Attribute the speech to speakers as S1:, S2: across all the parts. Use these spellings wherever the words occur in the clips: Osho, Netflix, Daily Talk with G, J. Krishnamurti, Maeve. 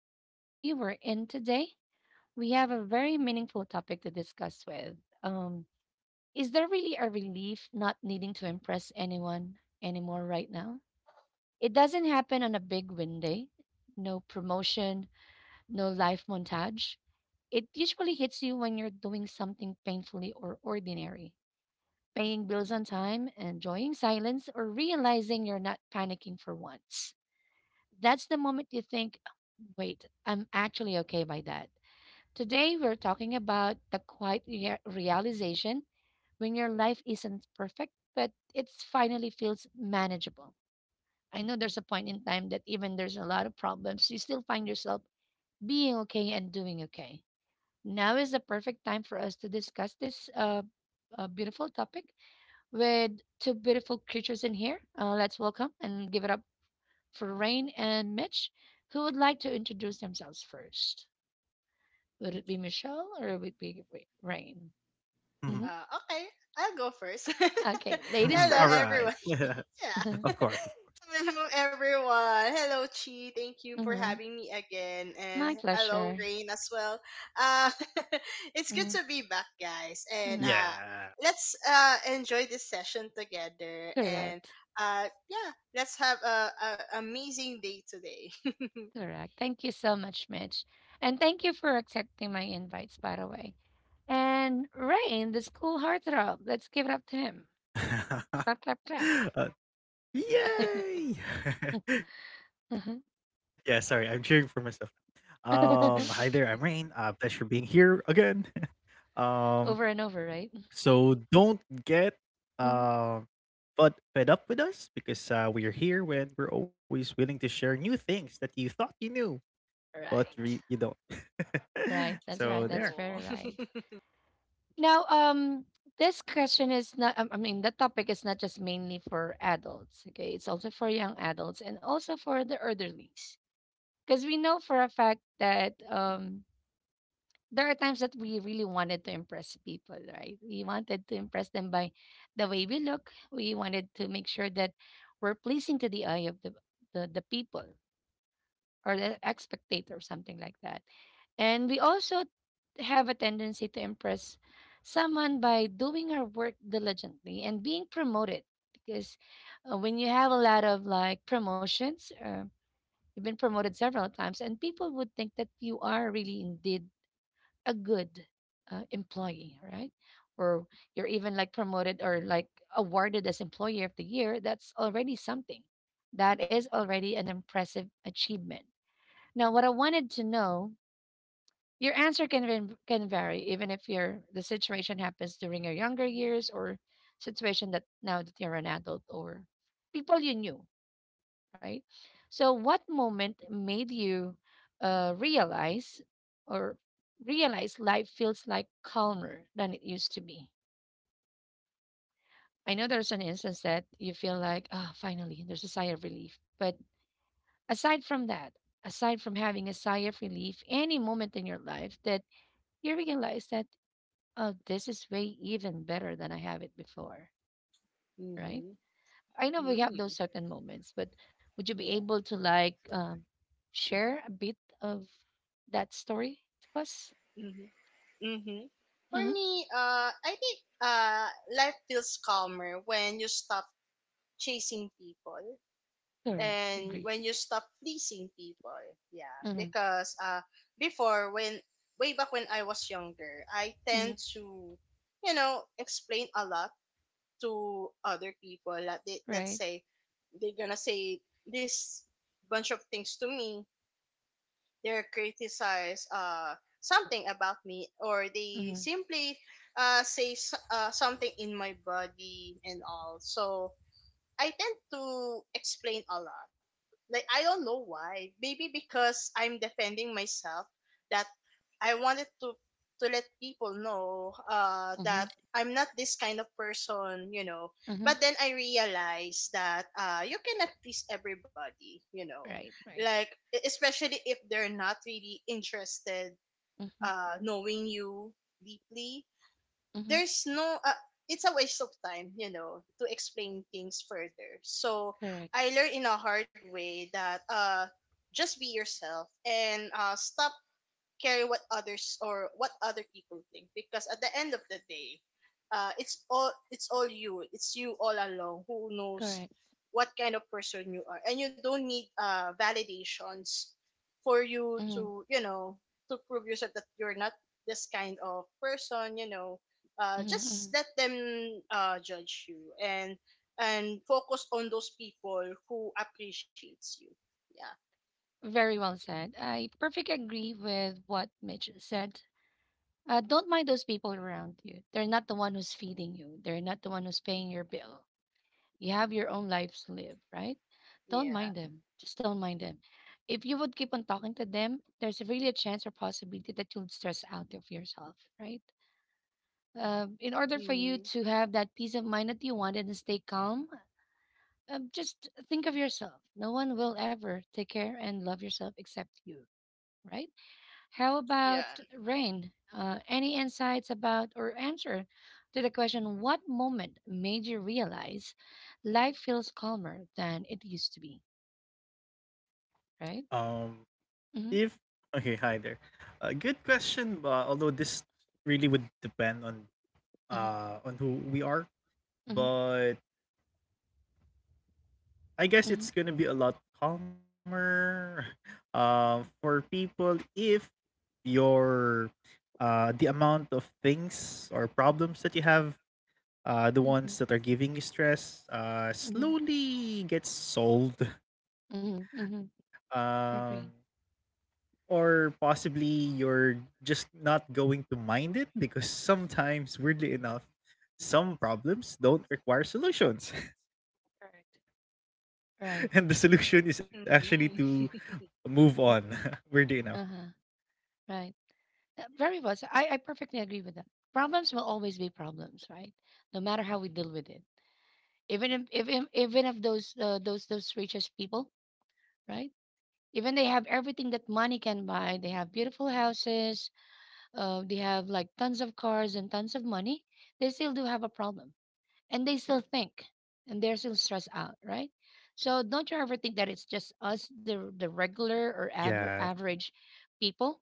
S1: Talk with G. We're in today. We have a very meaningful topic to discuss with. Um, is there really a relief not needing to impress anyone anymore right now? It doesn't happen on a big win day, no promotion, no life montage. It usually hits you when you're doing something painfully or ordinary, paying bills on time, enjoying silence, or realizing you're not panicking for once. That's the moment you think, wait, I'm actually okay by that. Today, we're talking about the quiet realization when your life isn't perfect, but it finally feels manageable. I know there's a point in time that even there's a lot of problems, you still find yourself being okay and doing okay. Now is the perfect time for us to discuss this beautiful topic with two beautiful creatures in here. Let's welcome and give it up for Rain and Mitch. Who would like to introduce themselves first? Would it be Michelle or would it be Rain?
S2: Mhm.
S1: Hmm.
S3: Uh, okay, I'll go first.
S1: Okay, ladies
S3: Hello,
S1: first.
S2: Alright.
S3: everyone. Yeah.
S2: Of course.
S3: Hello, everyone. Hello, Chi. Thank you for
S1: Hmm.
S3: having me again.
S1: My
S3: And hello,
S1: pleasure.
S3: Rain, as well. Uh, it's good
S1: Mm-hmm.
S3: to be back, guys. And
S1: Mm-hmm.
S2: Yeah.
S3: let's enjoy this session together.
S1: Correct.
S3: Uh, yeah, let's have a amazing day today.
S1: Correct. Thank you so much, Mitch. And thank you for accepting my invites, by the way. And Rain, the school heartthrob. Let's give it up to him. Clap, clap, clap.
S2: Uh, Yay! Yeah, sorry, I'm cheering for myself. Hi there, I'm Rain, pleasure being here again. Um,
S1: Over and over, right?
S2: so don't get,
S1: Mhm.
S2: um, fud fed up with us because, we're here when we're always willing to share new things that you thought you knew, but re you
S1: Right.
S2: don't.
S1: Right.
S2: So
S1: That's
S2: there.
S1: right. That's
S3: Oh.
S1: very right. Now, this question is not, I mean, the topic is not just mainly for adults, okay? It's also for young adults and also for the elderlies. Because we know for a fact that there are times that we really wanted to impress people, right? We wanted to impress them by the way we look. We wanted to make sure that we're pleasing to the eye of the people or the expectator or something like that. And we also have a tendency to impress someone by doing our work diligently and being promoted because when you have a lot of like promotions, you've been promoted several times, and people would think that you are really indeed a good employee, right? Or you're even like promoted or like awarded as Employee of the Year. That's already something. That is already an impressive achievement. Now, what I wanted to know, your answer can can vary, even if your the situation happens during your younger years or situation that now that you're an adult or people you knew, right? So, what moment made you uh, realize or realize life feels like calmer than it used to be? I know there's an instance that you feel like, ah, finally, there's a sigh of relief. But aside from that, aside from having a sigh of relief, any moment in your life that you realize that oh, this is way even better than I have it before, right?
S3: Mm-hmm.
S1: I know we have those
S3: Mm,
S1: certain moments, but would you be
S3: yeah.
S1: able to like share a bit of that story to us?
S3: Mm-hmm. For
S1: Mm-hmm.
S3: me, I think uh, life feels calmer when you stop chasing people
S1: Correct,
S3: and
S1: agree.
S3: when you stop pleasing people. Yeah,
S1: Mm-hmm.
S3: because before when way back when I was younger, I tend
S1: Mm-hmm.
S3: to explain a lot to other people. Like they, let's
S1: Right.
S3: say they're gonna say this bunch of things to me, they criticize something about me, or they
S1: Mm-hmm.
S3: simply say something in my body and all. So I tend to explain a lot. Like, I don't know why, maybe because I'm defending myself, that I wanted to let people know that
S1: Mm-hmm.
S3: I'm not this kind of person.
S1: Mm-hmm.
S3: But then I realized that you cannot please everybody.
S1: Right, right.
S3: Like, especially if they're not really interested
S1: Mm-hmm.
S3: knowing you deeply,
S1: Mm-hmm.
S3: there's no it's a waste of time, to explain things further. So
S1: Correct.
S3: I learned in a hard way that just be yourself, and stop care what others or what other people think, because at the end of the day, it's all you. It's you all along who knows
S1: Correct.
S3: what kind of person you are, and you don't need validations for you
S1: Mm-hmm.
S3: to, to prove yourself that you're not this kind of person. Just
S1: Mm-hmm.
S3: let them judge you, and focus on those people who appreciates you. Yeah.
S1: Very well said. I perfectly agree with what Mitch said. Don't mind those people around you. They're not the one who's feeding you. They're not the one who's paying your bill. You have your own lives to live, right? Don't
S3: Yeah.
S1: mind them. Just don't mind them. If you would keep on talking to them, there's really a chance or possibility that you'll stress out of yourself, right? In order for
S3: Mm-hmm.
S1: you to have that peace of mind that you want and stay calm, just think of yourself. No one will ever take care and love yourself except you, right? How about Rain? Any insights about or answer to the question, what moment made you realize life feels calmer than it used to be, right?
S2: Um If
S1: Mm-hmm,
S2: okay, hi there. Good question. Although this really would depend on
S1: mm-hmm,
S2: on who we are,
S1: mm-hmm,
S2: but I
S1: mm-hmm,
S2: guess it's gonna be a lot calmer. For people if your the amount of things or problems that you have the
S1: mm-hmm,
S2: ones that are giving you stress
S1: mm-hmm,
S2: slowly gets solved.
S1: mm-hmm, mm-hmm. Agree.
S2: Um, or possibly you're just not going to mind it because sometimes weirdly enough some problems don't require solutions,
S1: Correct. Right.
S2: and the solution is
S3: Mm,
S2: actually
S3: nice.
S2: to move
S1: Mhm.
S2: on. Weirdly enough.
S1: Uh-huh. Right. Very well. So I perfectly agree with that. Problems will always be problems, right? No matter how we deal with it. Even if those those richest people, right, even they have everything that money can buy, they have beautiful houses, they have like tons of cars and tons of money, they still do have a problem, and they still think, and they're still stressed out, right? So don't you ever think that it's just us, the regular or
S2: Yeah.
S1: average people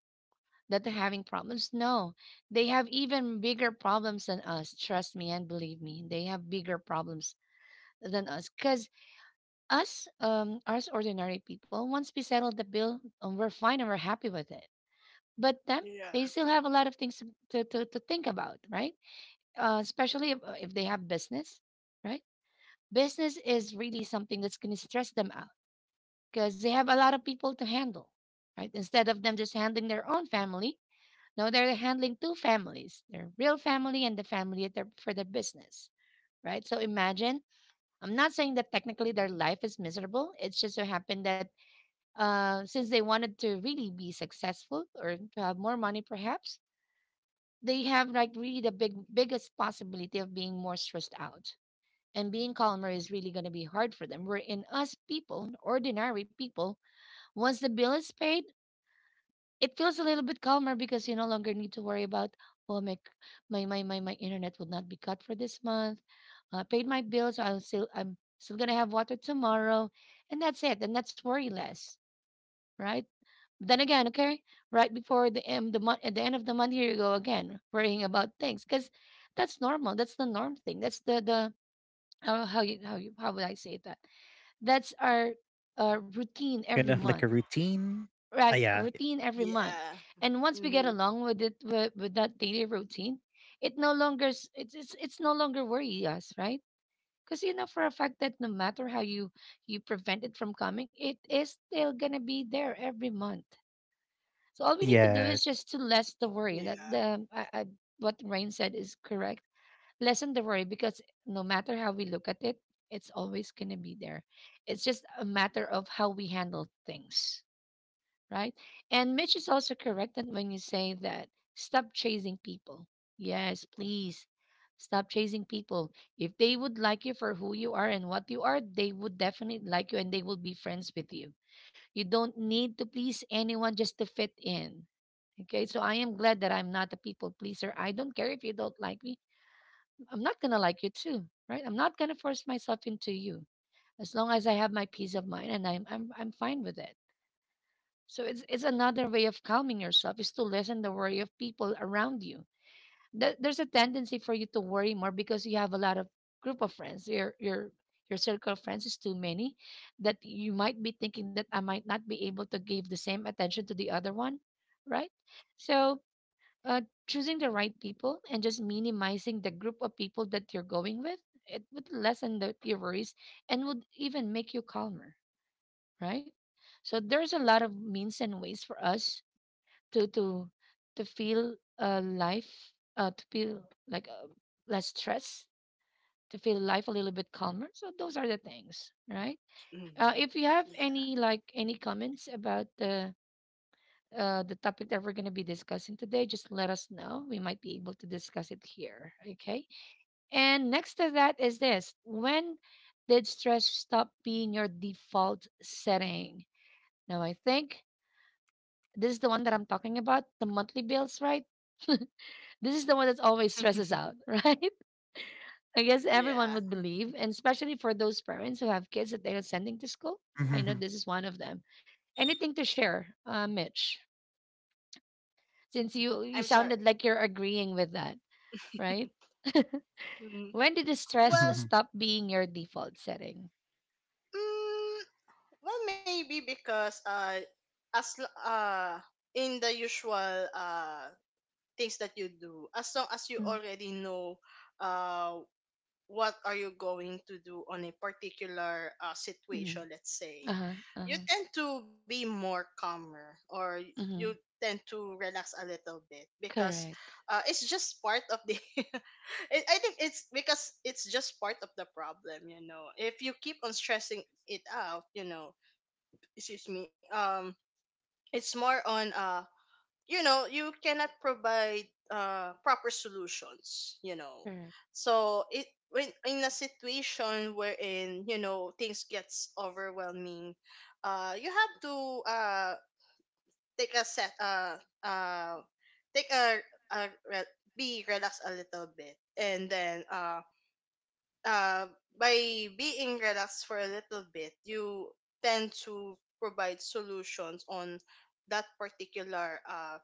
S1: that are having problems. No, they have even bigger problems than us, trust me and believe me, they have bigger problems than us, because us, us ordinary people, once we settle the bill, we're fine and we're happy with it. But them,
S3: Yeah.
S1: they still have a lot of things to, think about, right? Especially if they have business, right? Business is really something that's going to stress them out because they have a lot of people to handle, right? Instead of them just handling their own family, no, they're handling two families, their real family and the family at their, for their business, right? So imagine, I'm not saying that technically their life is miserable. It's just so happened that since they wanted to really be successful or to have more money perhaps, they have like really the biggest possibility of being more stressed out, and being calmer is really going to be hard for them, wherein us people, ordinary people, once the bill is paid, it feels a little bit calmer because you no longer need to worry about, oh my my internet will not be cut for this month. I paid my bill, so I'm still going to have water tomorrow, and that's it, and that's worry less, right? Then again, okay, right before the end, the month, at the end of the month, here you go again, worrying about things, because that's normal. That's the norm thing. That's the how would I say that? That's our routine every
S2: Kind of like a
S1: month,
S2: routine. Ah,
S1: right?
S2: yeah.
S1: Routine every month,
S3: Yeah.
S1: and once we get
S3: Mm-hmm.
S1: along with it with that daily routine, it no longer it's no longer worry us, right? Because you know for a fact that no matter how you, you prevent it from coming, it is still gonna be there every month. So all we need to do
S2: Yes.
S1: is just to lessen the worry. That
S3: Yeah.
S1: the what Rain said is correct. Lessen the worry because no matter how we look at it, it's always gonna be there. It's just a matter of how we handle things, right? And Mitch is also correct that when you say that stop chasing people. Yes, please. Stop chasing people. If they would like you for who you are and what you are, they would definitely like you and they will be friends with you. You don't need to please anyone just to fit in. Okay, so I am glad that I'm not a people pleaser. I don't care if you don't like me. I'm not going to like you too, right? I'm not going to force myself into you, as long as I have my peace of mind and I'm fine with it. So it's another way of calming yourself is to lessen the worry of people around you. There's a tendency for you to worry more because you have a lot of group of friends, your circle of friends is too many, that you might be thinking that I might not be able to give the same attention to the other one, right? So uh, choosing the right people and just minimizing the group of people that you're going with, it would lessen the, your worries, and would even make you calmer, right? So there's a lot of means and ways for us to to to feel life to feel like less stress, to feel life a little bit calmer, so those are the things, right? Uh,
S3: Mm-hmm.
S1: if you have
S3: Yeah.
S1: any like any comments about the topic that we're going to be discussing today, just let us know, we might be able to discuss it here, okay? And next to that is this, when did stress stop being your default setting? Now I think this is the one that I'm talking about, the monthly bills, right? This is the one that always stresses out, right? I guess
S3: Yeah.
S1: everyone would believe, and especially for those parents who have kids that they are sending to school. I know
S2: Mm-hmm.
S1: this is one of them. Anything to share, Mitch? Since you
S3: I'm sorry.
S1: sounded like you're agreeing with that, right?
S3: Mm-hmm.
S1: When did the stress
S3: Well,
S2: Mm-hmm.
S1: stop being your default setting?
S3: mm, maybe because as l- uh, in the usual things that you do, as long as you already know uh what are you going to do on a particular
S1: Mm-hmm.
S3: situation, let's say,
S1: Uh huh. Uh
S3: you
S1: huh.
S3: tend to be more calmer, or you
S1: Mm-hmm.
S3: tend to relax a little bit, because
S1: Correct.
S3: it's just part of the— I think it's because it's just part of the problem. If you keep on stressing it out, you know, excuse me, it's more on, you cannot provide proper solutions.
S1: Correct.
S3: So it, when in a situation wherein things gets overwhelming, you have to, uh take a set uh uh take be relaxed a little bit, and then uh by being relaxed for a little bit, you tend to provide solutions on that particular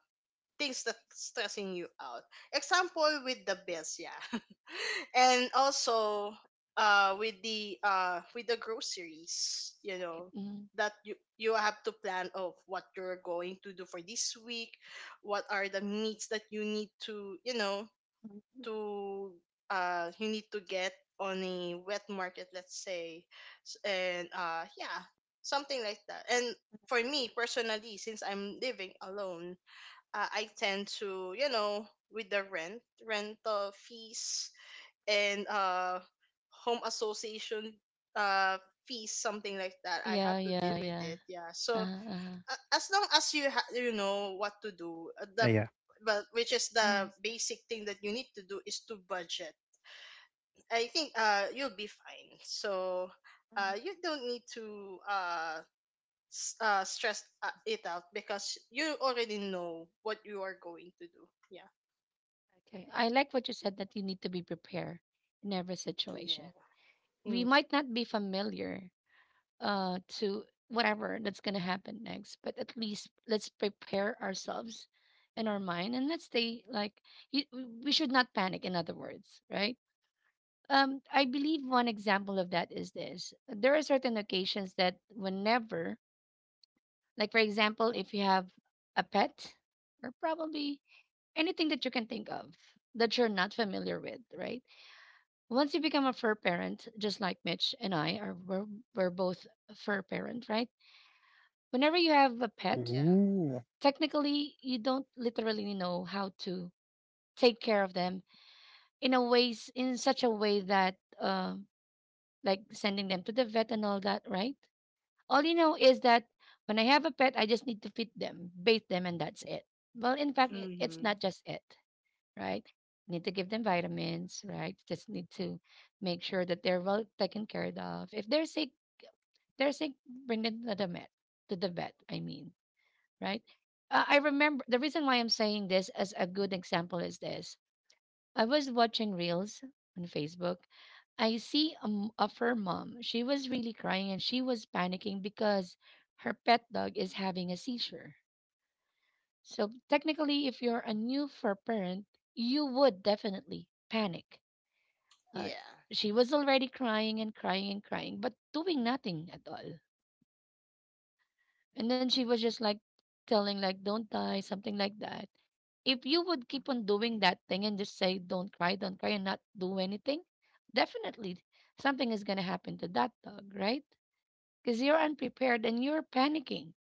S3: things that's stressing you out. Example with the bills, yeah. And also with the groceries, you know,
S1: Right.
S3: that you have to plan of what you're going to do for this week. What are the needs that you need to,
S1: Mm-hmm.
S3: to you need to get on a wet market, let's say. S- And yeah, something like that. And for me personally, since I'm living alone, I tend to, with the rental fees, and home association uh, fees, something like that. I have
S1: Yeah.
S3: to deal
S1: Yeah.
S3: with
S1: Yeah.
S3: it. Yeah. So
S1: Uh huh.
S3: as long as you know what to do, the
S2: Ah, yeah.
S3: but which is
S1: Mm,
S3: the basic thing that you need to do is to budget. I think you'll be fine. So
S1: mhm.
S3: you don't need to stress it out, because you already know what you are going to do. Yeah.
S1: Okay. I like what you said that you need to be prepared in every
S3: Yeah.
S1: situation. We
S3: Mm.
S1: might not be familiar to whatever that's going to happen next, but at least let's prepare ourselves in our mind and let's stay like, we should not panic, in other words, right? I believe one example of that is this. There are certain occasions that, whenever, like for example, if you have a pet, or probably anything that you can think of that you're not familiar with, right? Once you become a fur parent, just like Mitch and I are, we're both a fur parent, right? Whenever you have a pet,
S3: Yeah.
S2: Ooh.
S1: technically you don't literally know how to take care of them in a ways in such a way that like sending them to the vet and all that, right? All you know is that when I have a pet, I just need to feed them, bathe them, and that's it. Well, in fact, it's
S3: Mm-hmm.
S1: not just it, right? Need to give them vitamins, right? Just need to make sure that they're well taken care of. If they're sick, they're sick, bring them to the vet, I mean, right? I remember the reason why I'm saying this as a good example is this. I was watching reels on Facebook. I see a, of her mom. She was really crying and she was panicking because her pet dog is having a seizure. So technically, if you're a new fur parent, you would definitely panic. Uh,
S3: Yeah.
S1: she was already crying and crying and crying, but doing nothing at all. And then she was just like telling, like, don't die, something like that. If you would keep on doing that thing and just say, don't cry, and not do anything, definitely something is going to happen to that dog, right? Because you're unprepared and you're panicking.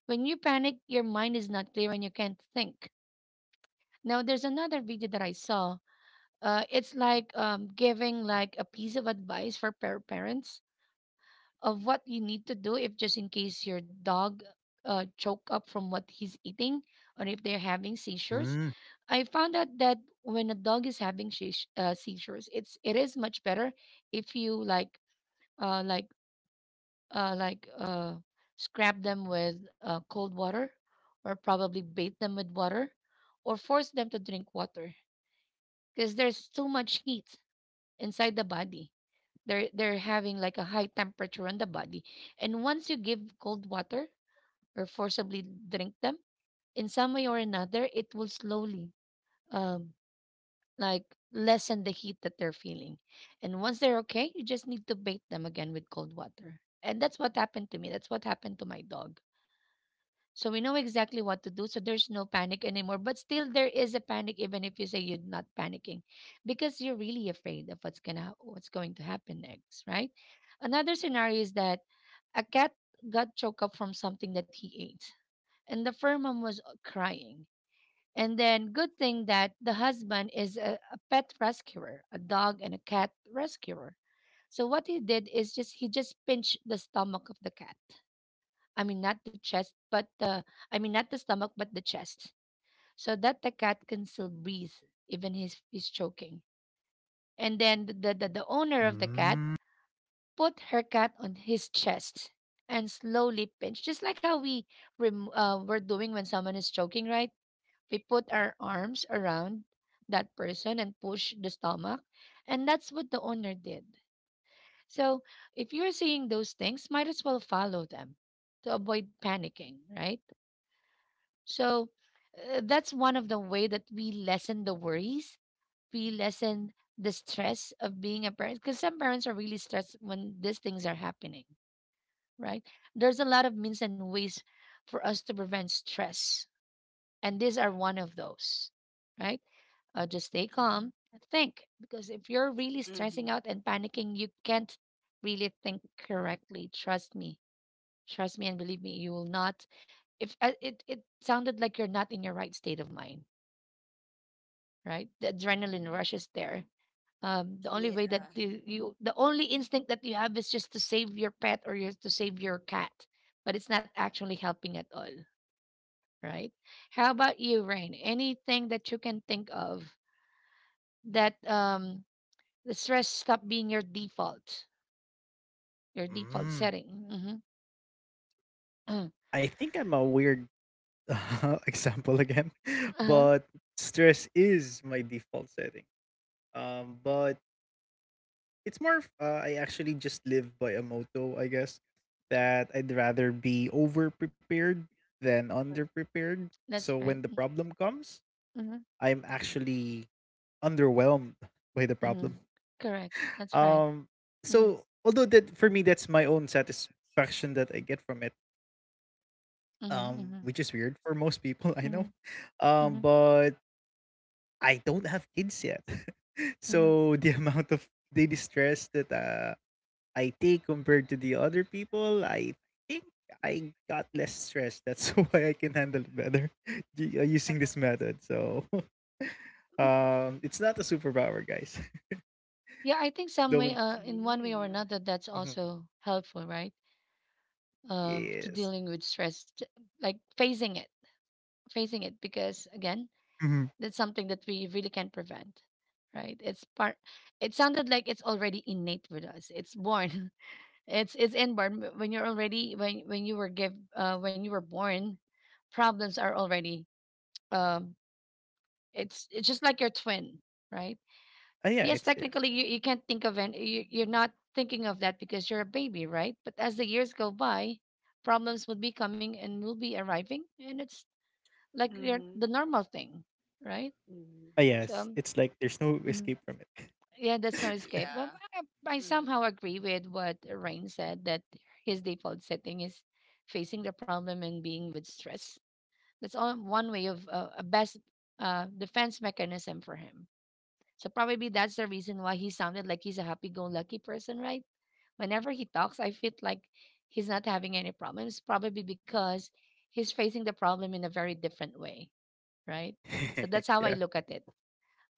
S1: When you panic, your mind is not clear and you can't think. Now, there's another video that I saw. It's like giving like a piece of advice for parents of what you need to do if just in case your dog choke up from what he's eating or if they're having seizures.
S2: Mm.
S1: I found out that when a dog is having seizures, it is much better if you uh like like scrap them with cold water, or probably bathe them with water, or force them to drink water, because there's too much heat inside the body. They're having like a high temperature on the body, and once you give cold water or forcibly drink them, in some way or another it will slowly um like lessen the heat that they're feeling. And once they're okay, you just need to bathe them again with cold water. And that's what happened to me, that's what happened to my dog, so we know exactly what to do. So there's no panic anymore. But still, there is a panic, even if you say you're not panicking, because you're really afraid of what's going to happen next, right? Another scenario is that a cat got choked up from something that he ate, and the fur mom was crying. And then, good thing that the husband is a pet rescuer, a dog and a cat rescuer. So what he did is just he just pinched the stomach of the cat. I mean, not the chest, but the, I mean, not the stomach, but the chest, so that the cat can still breathe, even if he's choking. And then the owner of the cat
S2: Mm.
S1: put her cat on his chest and slowly pinch, just like how we we're doing when someone is choking, right? We put our arms around that person and push the stomach. And that's what the owner did. So if you're seeing those things, might as well follow them to avoid panicking, right? So that's one of the way that we lessen the worries, we lessen the stress of being a parent, because some parents are really stressed when these things are happening, right? There's a lot of means and ways for us to prevent stress, and these are one of those, right? Just stay calm and think, because if you're really stressing
S3: Mm-hmm.
S1: out and panicking, you can't really think correctly. Trust me, and believe me, you will not. If it it sounded like you're not in your right state of mind, right? The adrenaline rush is there. The only
S3: Yeah.
S1: way that the only instinct that you have is just to save your pet or you to save your cat, but it's not actually helping at all, right? How about you, Rain? Anything that you can think of that the stress stop being your default
S2: Mm.
S1: setting? Mm-hmm.
S2: I think I'm a weird example again,
S1: Uh-huh.
S2: but stress is my default setting. But it's more of, I actually just live by a motto, I guess, that I'd rather be over prepared than under prepared. So
S1: That's
S2: when
S1: right.
S2: the problem comes,
S1: Mm-hmm.
S2: I'm actually underwhelmed by the
S1: Mm-hmm.
S2: problem.
S1: Correct. That's right.
S2: Um,
S1: Mm-hmm.
S2: so although that for me that's my own satisfaction that I get from it,
S1: Mm-hmm. Mm-hmm.
S2: which is weird for most people, I
S1: Mm-hmm.
S2: know. Um,
S1: Mm-hmm.
S2: but I don't have kids yet,
S1: Mm-hmm.
S2: so the amount of daily stress that I take compared to the other people, I think I got less stress. That's why I can handle it better, using
S1: Uh-huh.
S2: this method. So, it's not a superpower, guys.
S1: Yeah, I think some way,
S2: Don't.
S1: in one way or
S3: Mm-hmm.
S1: another, that's
S2: Mhm.
S1: also helpful, right? To
S2: Yes.
S1: dealing with stress, like facing it, because again,
S2: Hmm.
S1: that's something that we really can't prevent, right? It's part. It sounded like it's already innate with us. It's born. It's inborn. When you're already when you were give when you were born, problems are already. Um, it's just like your twin, right?
S2: Ah, yeah,
S1: Yes,
S2: it's there.
S1: technically, you can't think of any, you're not thinking of that because you're a baby, right? But as the years go by, problems will be coming and will be arriving, and it's like the
S3: Mm-hmm.
S1: normal thing, right?
S3: Mm-hmm.
S2: Ah, yes.
S1: So,
S2: It's like there's no
S1: mm,
S2: escape from it.
S1: yeah, that's no escape. But
S3: Yeah.
S1: I somehow
S3: Mm.
S1: agree with what Rain said that his default setting is facing the problem and being with stress. That's all one way of a best defense mechanism for him. So probably that's the reason why he sounded like he's a happy-go-lucky person, right? Whenever he talks, I feel like he's not having any problems, probably because he's facing the problem in a very different way, right? So that's how I
S2: Yeah.
S1: look at it.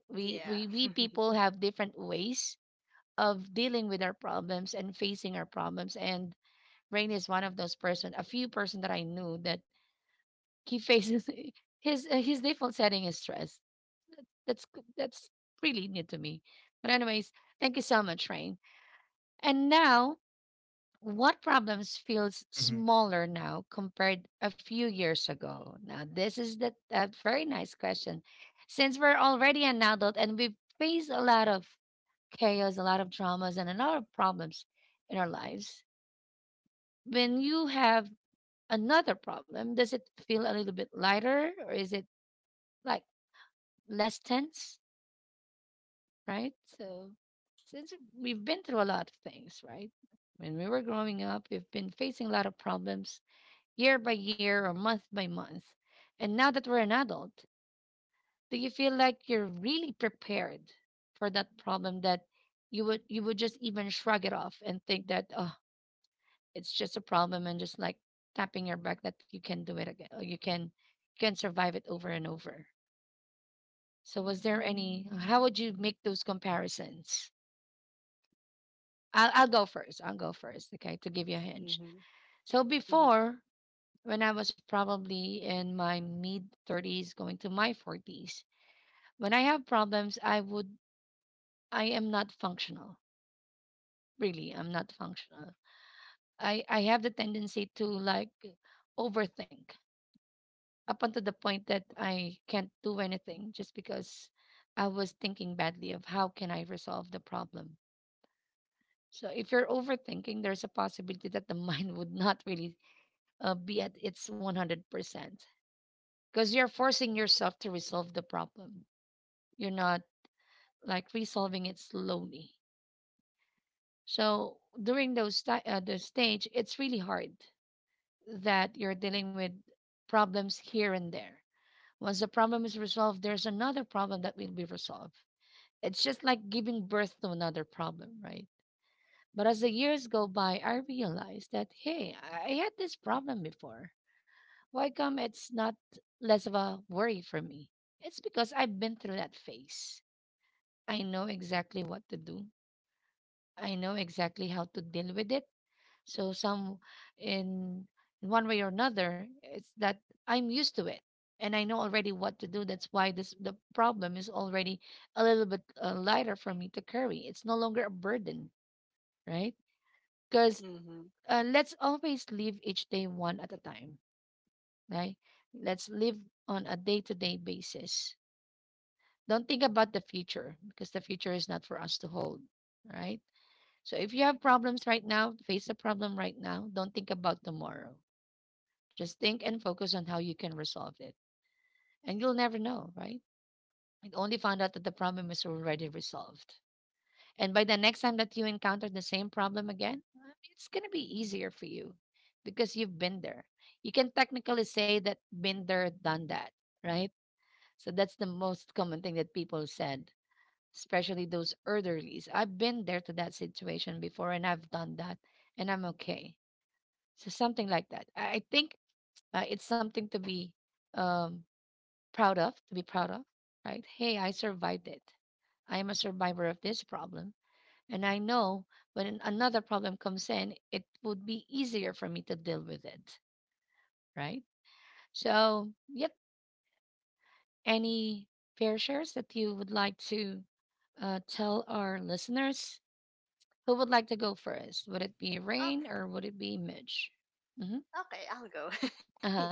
S1: We
S3: Yeah.
S1: people have different ways of dealing with our problems and facing our problems. And Rain is one of those person, a few person that I knew that he faces his default setting is stress. That's that's really new to me. But anyways, thank you so much, Rain. And now, what problems feels
S2: Mhm.
S1: smaller now compared a few years ago? Now, this is the a very nice question. Since we're already an adult and we've faced a lot of chaos, a lot of traumas, and a lot of problems in our lives, when you have another problem, does it feel a little bit lighter, or is it like less tense? Right? So, since we've been through a lot of things, right? When we were growing up, we've been facing a lot of problems, year by year or month by month. And now that we're an adult, do you feel like you're really prepared for that problem, that you would just even shrug it off and think that, oh, it's just a problem, and just like tapping your back that you can do it again, or you can survive it over and over? So, was there any, how would you make those comparisons? I'll go first. I'll go first, okay, to give you a hinge.
S3: Mm-hmm.
S1: So
S3: Mm-hmm.
S1: before, when I was probably in my mid 30s going to my 40s, when I have problems, I am not functional. Really, I'm not functional. I have the tendency to like overthink up until the point that I can't do anything just because I was thinking badly of how can I resolve the problem. So if you're overthinking, there's a possibility that the mind would not really be at its 100% because you're forcing yourself to resolve the problem. You're not like resolving it slowly. So during those ti the stage, it's really hard that you're dealing with problems here and there. Once the problem is resolved, there's another problem that will be resolved. It's just like giving birth to another problem, right? But as the years go by, I realized that, hey, I had this problem before. Why come it's not less of a worry for me? It's because I've been through that phase. I know exactly what to do. I know exactly how to deal with it. So some, in in one way or another, it's that I'm used to it and I know already what to do. That's why this the problem is already a little bit lighter for me to carry. It's no longer a burden, right? Because
S3: Mm-hmm.
S1: let's always live each day one at a time, right? Let's live on a day to day basis. Don't think about the future because the future is not for us to hold, right? So if you have problems right now, face the problem right now. Don't think about tomorrow. Just think and focus on how you can resolve it. And you'll never know, right? And only found out that the problem is already resolved. And by the next time that you encounter the same problem again, it's going to be easier for you because you've been there. You can technically say that been there, done that, right? So that's the most common thing that people said, especially those elderlies. I've been there to that situation before and I've done that and I'm okay. So something like that. I think it's something to be um, proud of, to be proud of, right? Hey, I survived it. I am a survivor of this problem. And I know when another problem comes in, it would be easier for me to deal with it, right? So, yep, any fair shares that you would like to tell our listeners? Who would like to go first? Would it be Rain
S3: Oh,
S1: or would it be Midge? Mm-hmm.
S3: okay, I'll go.
S1: Uh huh.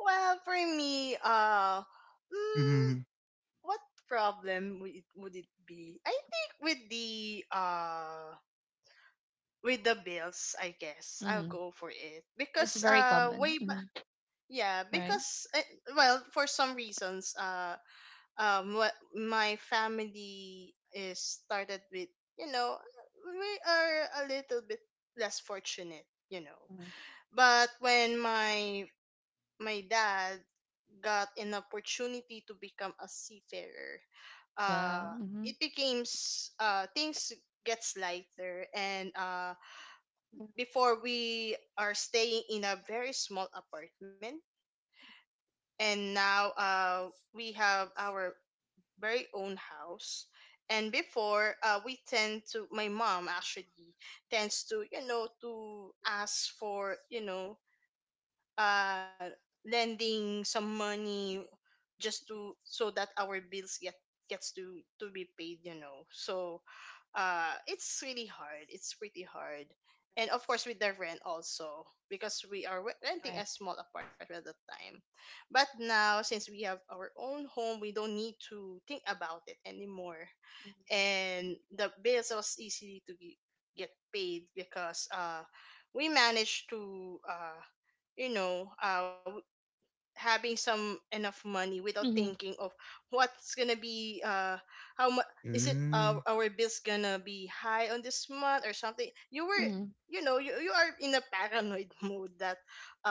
S3: Well, for me,
S2: Hmm. Mm.
S3: what problem would it be? I think with the, bills, I guess I'll
S1: Mm-hmm.
S3: go for it,
S1: It's
S3: because
S1: very common, hmm,
S3: yeah,
S1: right?
S3: because well, for some reasons, what my family is started with, you know, we are a little bit less fortunate.
S1: Mhm.
S3: But when my dad got an opportunity to become a seafarer,
S1: Wow.
S3: uh,
S1: Mm-hmm.
S3: it became, things gets lighter. And before, we are staying in a very small apartment, and now, we have our very own house. And before, we tend to my mom actually tends to, to ask for, uh lending some money, just to so that our bills gets to be paid. So it's really hard, it's pretty hard. And of course, with the rent also, because we are renting
S1: Correct.
S3: a small apartment at the time. But now, since we have our own home, we don't need to think about it anymore. And the bills was easy to get paid, because we managed to, you know uh having some enough money, without
S1: Mm-hmm.
S3: thinking of what's gonna be, how much is it
S2: Hmm.
S3: uh, our bills gonna be high on this month or something. you were
S1: Mm-hmm.
S3: you know you, you are in a paranoid mode, that,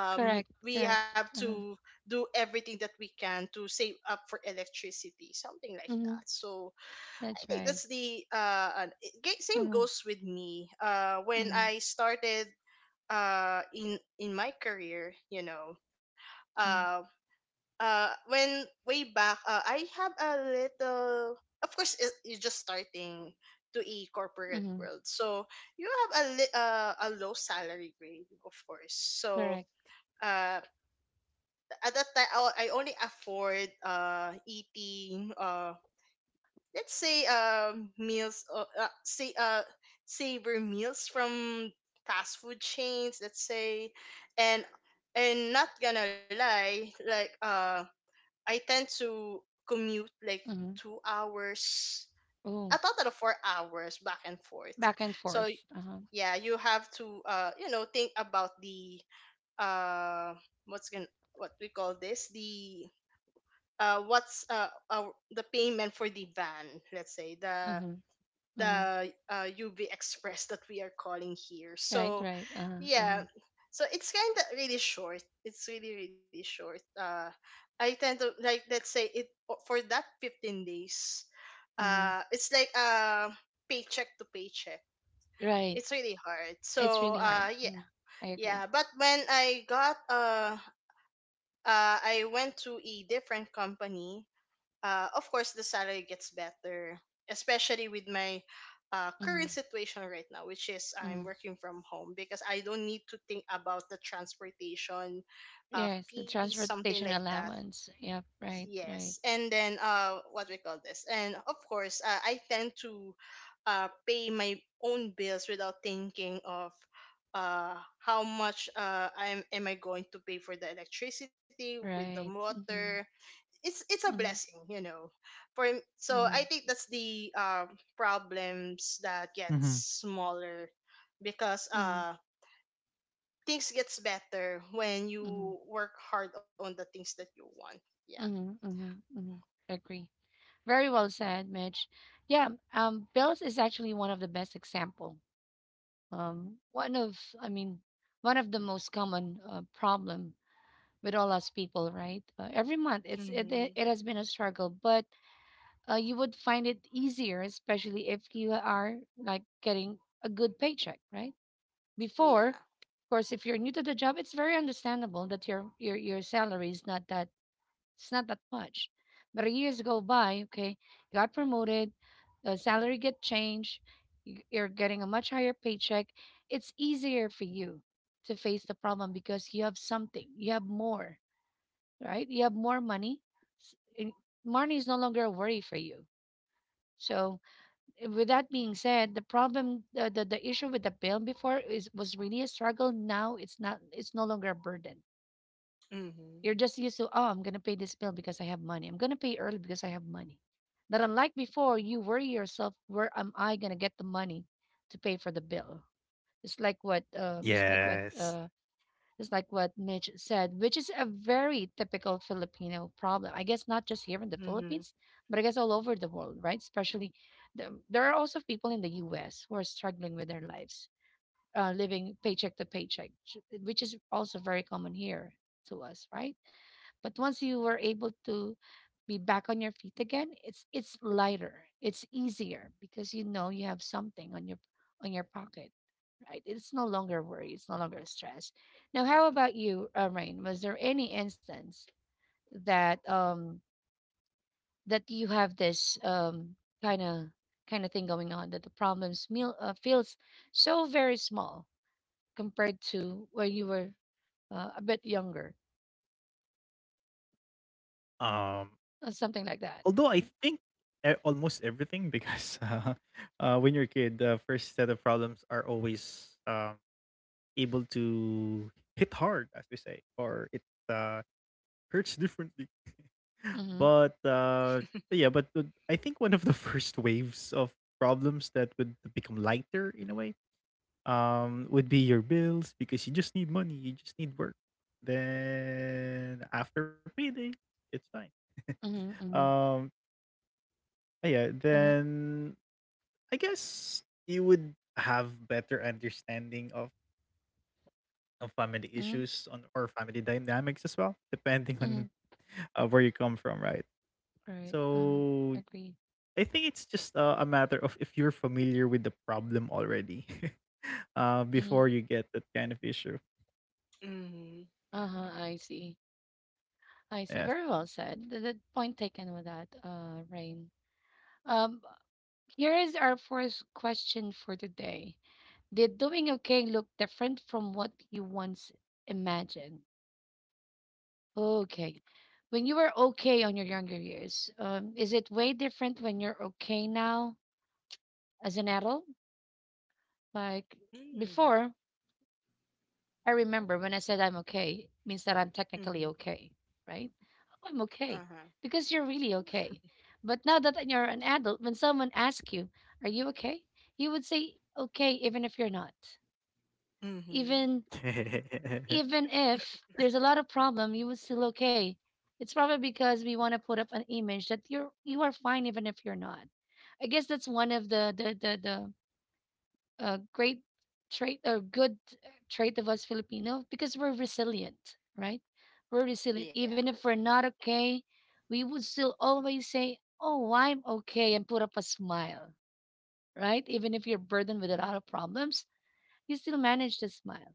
S1: Correct.
S3: we
S1: Correct.
S3: have
S1: Uh-huh.
S3: to do everything that we can to save up for electricity, something like
S1: Mm-hmm.
S3: that. So
S1: That's
S3: I think
S1: right.
S3: that's the, same
S1: Mm-hmm.
S3: goes with me when
S1: Mm-hmm.
S3: I started, in my career
S1: Mm-hmm.
S3: um when way back I have a little. Of course, you're just starting to a corporate
S1: Mm-hmm.
S3: world, so you have a low salary grade, of course.
S1: Correct.
S3: So uh at that time, I only afford eating, let's say, meals say savor meals from fast food chains, let's say. And and not gonna lie, like, I tend to commute like
S1: Mm-hmm.
S3: 2 hours,
S1: Oh,
S3: a total of 4 hours back and forth.
S1: back and forth.
S3: So
S1: Uh-huh.
S3: yeah, you have to think about the, uh what's gonna what we call this the what's our, the payment for the van, let's say, the
S1: Mm-hmm. Mm-hmm.
S3: UV Express that we are calling here.
S1: Right.
S3: So,
S1: Right. Uh-huh. Uh-huh.
S3: yeah, so it's kind of really short. It's really really short. I tend to, like, let's say it for that 15 days.
S1: Mm-hmm.
S3: It's like paycheck to paycheck.
S1: Right.
S3: It's really hard.
S1: It's
S3: So
S1: really hard.
S3: yeah.
S1: Mm-hmm. I agree.
S3: Yeah. But when I went to a different company, of course the salary gets better, especially with my, current
S1: Mm-hmm.
S3: situation right now, which is I'm
S1: Mm-hmm.
S3: working from home, because I don't need to think about the transportation,
S1: Yes, the
S3: fees, something like
S1: transportation
S3: that.
S1: allowance. Yep. Right.
S3: Yes,
S1: Right.
S3: and then, what we call this and of course, I tend to, pay my own bills, without thinking of, how much, am I going to pay for the electricity with the
S1: Right.
S3: water.
S1: Mm-hmm.
S3: It's a
S1: Mm-hmm.
S3: blessing. For so I
S1: Mm-hmm.
S3: think that's the, problems that
S2: Mm-hmm.
S3: gets smaller, because
S1: Mm-hmm.
S3: things gets better when you
S1: Mm-hmm.
S3: work hard on the things that you want. Yeah.
S1: Mm-hmm, mm-hmm, mm-hmm. Agree. Very well said, Mitch. Yeah, bills is actually one of the best example. One of, I mean, one of the most common problem with all us people, right? Every month, it's it it
S3: Mhm.
S1: it has been a struggle, but you would find it easier, especially if you are like getting a good paycheck, right? Before,
S3: Yeah.
S1: of course, if you're new to the job, it's very understandable that your salary is not that, it's not that much. But years go by, okay, you got promoted, the salary get changed, you're getting a much higher paycheck. It's easier for you to face the problem because you have something, you have more, right? You have more money. And money is no longer a worry for you. So, with that being said, the problem, the issue with the bill before is was really a struggle. Now it's not, it's no longer a burden.
S3: Mhm.
S1: You're just used to, oh, I'm going to pay this bill because I have money. I'm going to pay early because I have money. That unlike before, you worry yourself, where am I going to get the money to pay for the bill? It's like what,
S2: Yes.
S1: just like what Mitch said, which is a very typical Filipino problem. I guess not just here in the
S3: Mhm.
S1: Philippines, but I guess all over the world, right? Especially, the, there are also people in the U.S. who are struggling with their lives living paycheck to paycheck, which is also very common here to us, right? But once you were able to be back on your feet again, it's lighter, it's easier because you know you have something on your pocket, right? It's no longer worry, it's no longer stress. Now, how about you, Rain? Was there any instance that that you have this kind of kind of thing going on that the problems meal, feels so very small compared to where you were a bit younger,
S2: Um.
S1: something like that.
S2: Although I think almost everything because when you're a kid, the first set of problems are always able to hit hard, as we say, or it uh, hurts differently.
S1: Mm-hmm.
S2: But yeah, but I think one of the first waves of problems that would become lighter in a way would be your bills because you just need money, you just need work. Then after payday, it's fine.
S1: Mm-hmm. Mm-hmm.
S2: um yeah
S1: Mm-hmm.
S2: then I guess you would have better understanding of family
S1: Mm-hmm.
S2: issues on or family dynamics as well, depending
S1: Mm-hmm.
S2: on where you come from, right?
S1: Right.
S2: So
S1: Agree.
S2: I think it's just a matter of if you're familiar with the problem already,
S1: Mm-hmm.
S2: before you get that kind of issue.
S3: Mhm.
S1: Uh-huh. I see. I see.
S2: Yes.
S1: Very well said. The point taken with that, Rain. Um, here is our first question for today. Did doing okay look different from what you once imagined? Okay. When you were okay on your younger years, is it way different when you're okay now? As an adult. Like
S3: Mm.
S1: before, I remember when I said I'm okay, means that I'm
S3: Mm-hmm.
S1: technically okay, right? Oh, I'm okay
S3: Uh-huh.
S1: because you're really okay. But now that you're an adult, when someone asks you, "Are you okay?" you would say okay, even if you're not.
S3: Mm-hmm.
S1: Even even if there's a lot of problem, you would still okay. It's probably because we want to put up an image that you are fine even if you're not. I guess that's one of the a great trait or good trait of us Filipino because we're resilient, right? We're resilient.
S3: Yeah.
S1: Even if we're not okay, we would still always say, oh, I'm okay, and put up a smile, right? Even if you're burdened with a lot of problems, you still manage to smile,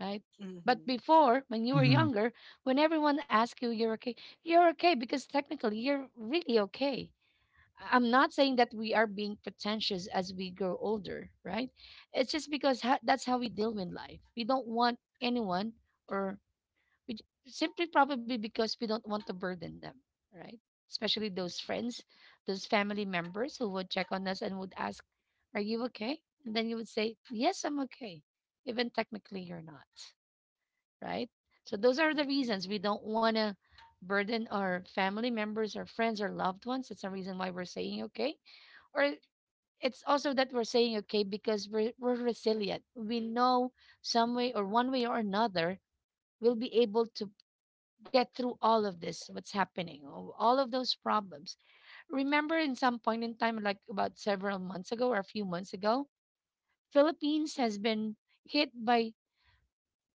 S1: right?
S3: Mm-hmm.
S1: But before, when you were
S2: Hmm.
S1: younger, when everyone asked you you're okay because technically you're really okay. Am not saying that we are being pretentious as we grow older, right? It's just because that's how we deal with life. We don't want anyone, or we simply probably because we don't want to burden them, right? Especially those friends, those family members who would check on us and would ask, are you okay? And then you would say, yes, I'm okay. Even technically, you're not, right? So those are the reasons
S3: Mm.
S1: we don't want to burden our family members or friends or loved ones. That's the reason why we're saying okay, or it's also that we're saying okay because we're resilient. We know some way or one way or another we'll be able to get through all of this what's happening or all of those problems. Remember in some point in time, like about several months ago or a few months ago, Philippines has been hit by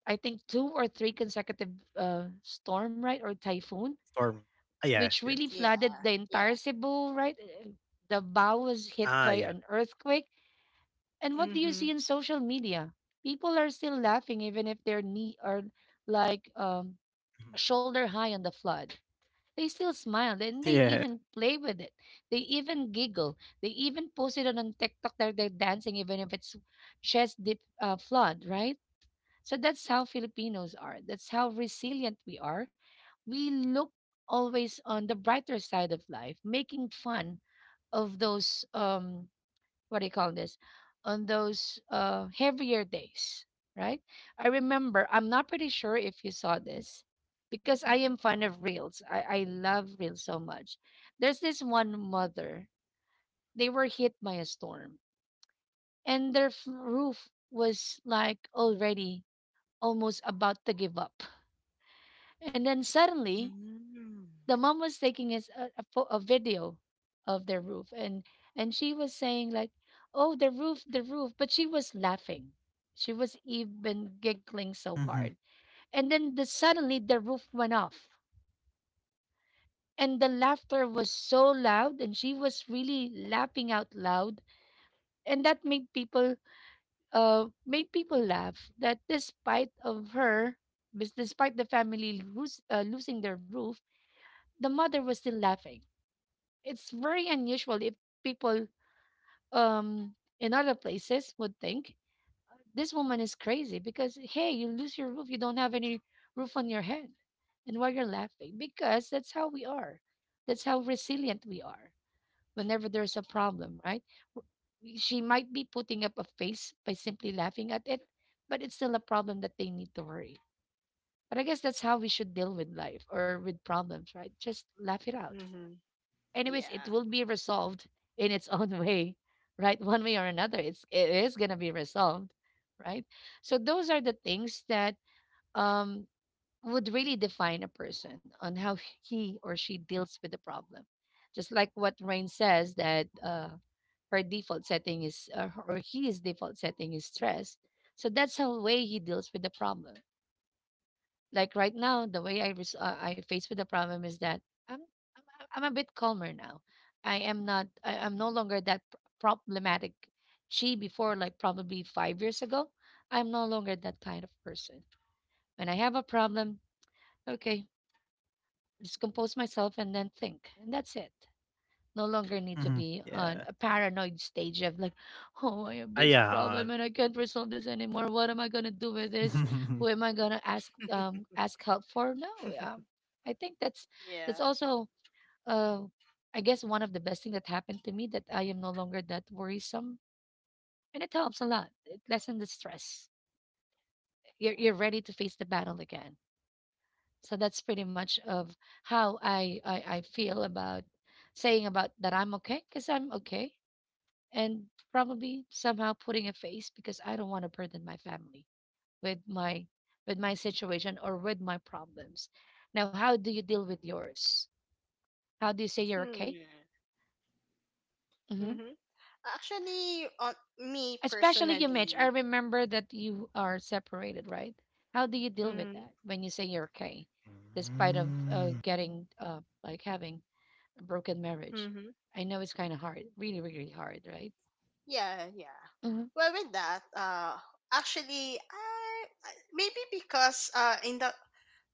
S1: I think two or three consecutive storm, right? Or typhoon,
S2: Storm. Ah, yes,
S1: which
S2: yes.
S1: really
S3: Yeah.
S1: flooded the
S3: Yeah.
S1: entire Cebu, right? The bow was hit by
S2: Ah,
S1: an
S2: yeah.
S1: earthquake. And what do
S3: Mm-hmm.
S1: you see in social media? People are still laughing even if their knee are like
S2: Mhm.
S1: shoulder high on the flood. They still smile and they
S2: Yeah.
S1: even play with it. They even giggle. They even post it on TikTok that they're dancing even if it's chest deep flood, right? So that's how Filipinos are. That's how resilient we are. We look always on the brighter side of life, making fun of those what do you call this, on those heavier days, right? I remember, I'm not pretty sure if you saw this because I am fond of reels. I love reels so much. There's this one mother, they were hit by a storm and their roof was like already almost about to give up. And then suddenly
S3: Mm-hmm.
S1: the mom was taking us a video of their roof, and she was saying like, oh the roof the roof, but she was laughing. She was even giggling so
S2: Hmm.
S1: hard. And then suddenly the roof went off and the laughter was so loud and she was really laughing out loud. And that made people, made people laugh that despite of her despite the family losing their roof, the mother was still laughing. It's very unusual if people um in other places would think this woman is crazy because hey, you lose your roof, you don't have any roof on your head and why you're laughing. Because that's how we are, that's how resilient we are whenever there's a problem, right? She might be putting up a face by simply laughing at it, but it's still a problem that they need to worry. But I guess that's how we should deal with life or with problems, right? Just laugh it out.
S3: Mm-hmm.
S1: Anyways,
S3: Yeah.
S1: it will be resolved in its own way, right? One way or another, it is gonna be resolved, right? So those are the things that um would really define a person on how he or she deals with the problem. Just like what Rain says that her default setting is or his default setting is stress. So that's how way he deals with the problem. Like right now the way I I face with the problem is that i'm I'm a bit calmer now. I am not I'm no longer that problematic she before, like probably 5 years ago. I'm no longer that kind of person. When I have a problem, okay, just compose myself and then think and that's it. No longer need to
S2: Hmm.
S1: be on
S2: Yeah.
S1: a paranoid stage of like, oh, I have
S2: Ah,
S1: this
S2: yeah.
S1: problem and I can't resolve this anymore. What am I gonna do with this? Who am I gonna ask, ask help for? No, I think that's
S3: Yeah.
S1: that's also uh, I guess one of the best thing that happened to me that I am no longer that worrisome, and it helps a lot. It lessens the stress. You're ready to face the battle again. So that's pretty much of how I feel about saying about that I'm okay because I'm okay and probably somehow putting a face because I don't want to burden my family with my with my situation or with my problems. Now, how do you deal with yours? How do you say you're
S3: Hmm.
S1: okay?
S3: Mm-hmm.
S1: Hmm.
S3: Actually, on me
S1: Especially you,
S3: personally.
S1: Mitch. I remember that you are separated, right? How do you deal with
S3: Mm-hmm.
S1: that when you say you're okay, despite of
S2: Mm.
S1: getting like having a broken
S3: Mm-hmm.
S1: marriage? I know it's kind of hard, really, really hard, right?
S3: Yeah, yeah.
S1: Mm-hmm,
S3: Well, with that, actually, maybe because in the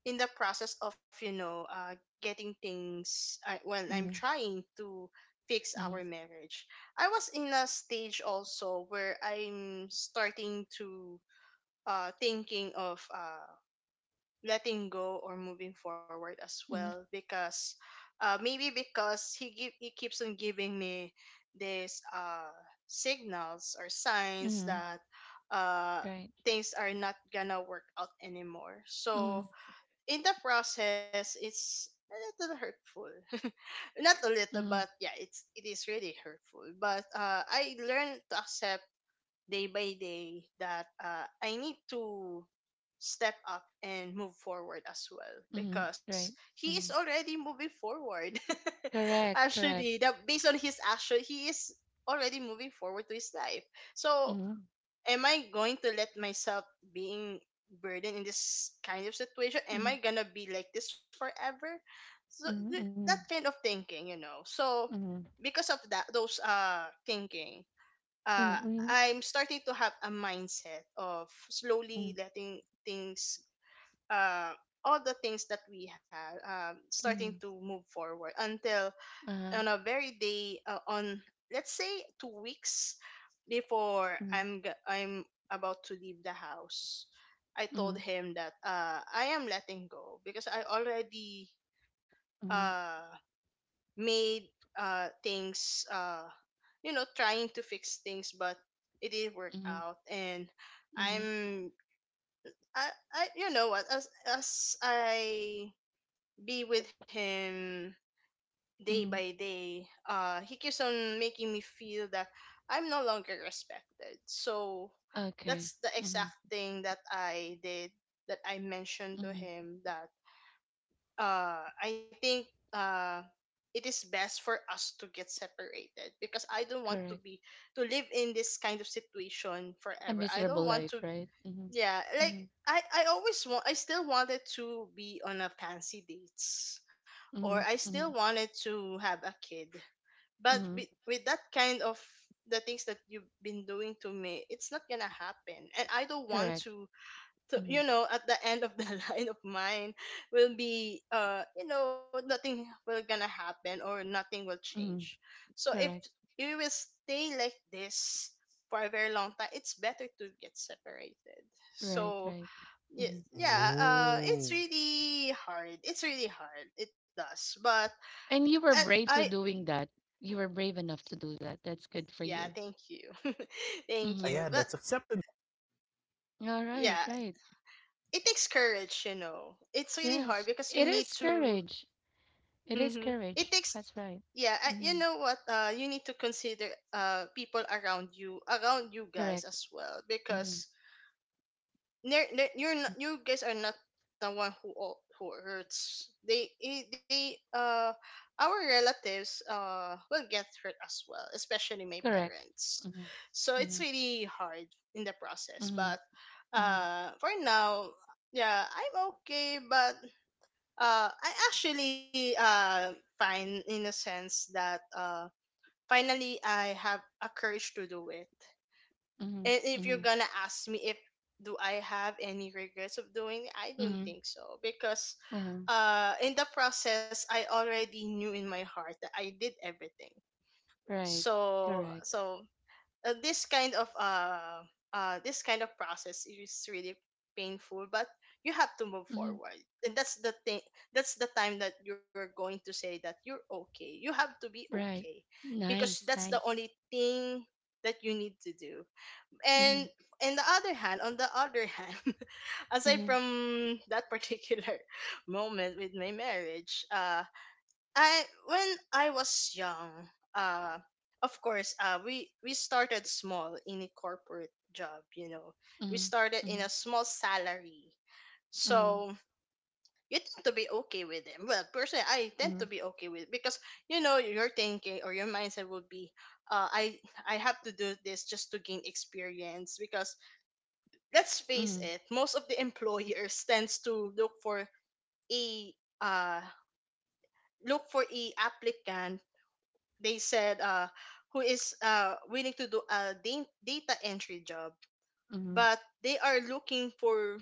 S3: process of, getting things, well, I'm
S1: mm-hmm,
S3: trying to fix our
S1: mm-hmm,
S3: marriage. I was in a stage also where I'm starting to, thinking of, letting go or moving forward as well.
S1: mm-hmm,
S3: Because maybe because he keeps on giving me these, signals or signs
S1: mm-hmm,
S3: that, uh,
S1: right.
S3: things are not gonna work out anymore. So
S1: Mm-hmm.
S3: in the process, it's a little hurtful. Not a little, but yeah, it is really hurtful. But I learned to accept day by day that I need to step up and move forward as well,
S1: Mm-hmm.
S3: because
S1: Right.
S3: he is
S1: Mm-hmm.
S3: already moving forward.
S1: Correct.
S3: Actually,
S1: Correct.
S3: that based on his action, he is already moving forward to his life. So
S1: Mm-hmm.
S3: am I going to let myself being burdened in this kind of situation? Am
S1: Mm-hmm.
S3: I gonna be like this forever? So that
S1: Mm-hmm.
S3: kind of thinking. So
S1: Mm-hmm.
S3: because of that, those thinking, uh,
S1: Mm-hmm.
S3: I'm starting to have a mindset of
S1: Mm-hmm.
S3: slowly letting things, uh, all the things that we have, starting
S1: Mm-hmm.
S3: to move forward. Until
S1: Uh-huh.
S3: on a very day, on let's say 2 weeks before
S1: Mm-hmm.
S3: I'm about to leave the house, I
S1: Mm-hmm.
S3: told him that I am letting go, because I already,
S1: Mm-hmm.
S3: uh, made, things, you know, trying to fix things, but it didn't work
S1: Mm-hmm.
S3: out. And
S1: Mm-hmm.
S3: I'm I, I, you know what, as I be with him day
S1: Mm-hmm.
S3: by day, he keeps on making me feel that I'm no longer respected. So
S1: Okay.
S3: that's the
S1: Mm-hmm.
S3: exact thing that I did that I mentioned to
S1: Mm-hmm.
S3: him that I think uh, it is best for us to get separated because I don't want to
S1: Correct.
S3: be to live in this kind of situation
S1: A
S3: forever. I
S1: miserable
S3: don't want
S1: life,
S3: to,
S1: right? Mm-hmm.
S3: yeah, like,
S1: Mm-hmm.
S3: I always want I still wanted to be on a fancy dates, or
S1: Mm-hmm.
S3: I still
S1: Mm-hmm.
S3: wanted to have a kid, but with,
S1: Mm-hmm.
S3: with that kind of, the things that you've been doing to me, it's not gonna happen, and I don't want
S1: Correct.
S3: to
S1: Mm-hmm.
S3: at the end of the line of mine will be nothing will gonna happen or nothing will
S1: Mm-hmm.
S3: change. So if
S1: Correct.
S3: you will stay like this for a very long time, it's better to get separated.
S1: Right.
S3: So
S1: Right.
S3: yeah,
S1: Mm-hmm.
S3: yeah, it's
S2: Ooh.
S3: really hard, it's really hard it does. But
S1: And you
S3: I,
S1: were brave
S3: I.
S1: to doing that. You were brave enough to do that. That's good for
S3: Yeah,
S1: you.
S3: thank you. Thank
S2: Ah,
S1: Mm-hmm.
S3: you.
S2: yeah,
S3: But
S2: that's accepted.
S1: All right.
S3: yeah,
S1: Right.
S3: it takes courage, It's really hard
S1: Yes,
S3: because you
S1: it
S3: need
S1: is
S3: to.
S1: courage. It
S3: Hmm.
S1: is
S3: It
S1: courage.
S3: takes
S1: That's right.
S3: yeah, you know
S1: Hmm.
S3: what? You need to consider people around you guys
S1: Correct.
S3: as well
S1: Hmm.
S3: because you're not, you guys are not the one who hurts. They our relatives will get hurt as well, especially my
S1: Correct.
S3: parents.
S1: Hmm.
S3: So it's
S1: Hmm.
S3: really hard in the process.
S1: Hmm.
S3: But
S1: Hmm.
S3: for now, yeah, I'm okay. But I actually fine in a sense that finally I have a courage to do it.
S1: Hmm.
S3: And if you're
S1: Hmm.
S3: gonna ask me if do I have any regrets of doing it, I don't
S1: Hmm.
S3: think so, because
S1: Uh-huh.
S3: in the process I already knew in my heart that I did everything.
S1: Right.
S3: So
S1: Correct.
S3: so uh, this kind of uh this kind of process is really painful, but you have to move
S1: Hmm.
S3: forward. And that's the thing, that's the time that you're going to say that you're okay, you have to be okay,
S1: Right.
S3: because
S1: Nice.
S3: that's the only
S1: Nice.
S3: thing that you need to do. And
S1: Hmm.
S3: in the other hand, on the other hand, aside
S1: Hmm.
S3: from that particular moment with my marriage, I when I was young, uh, of course, we started small in a corporate job. You know, we
S1: Hmm.
S3: started in
S1: Hmm.
S3: a small salary,
S1: Hmm.
S3: so you tend to be okay with it. Well, personally, I tend
S1: Hmm.
S3: to be okay with it because you know your thinking or your mindset will be, uh, I I have to do this just to gain experience, because let's face
S1: Hmm.
S3: it, most of the employers tends to a uh look for a applicant. They said who is willing to do a data entry job,
S1: Hmm.
S3: but they are looking for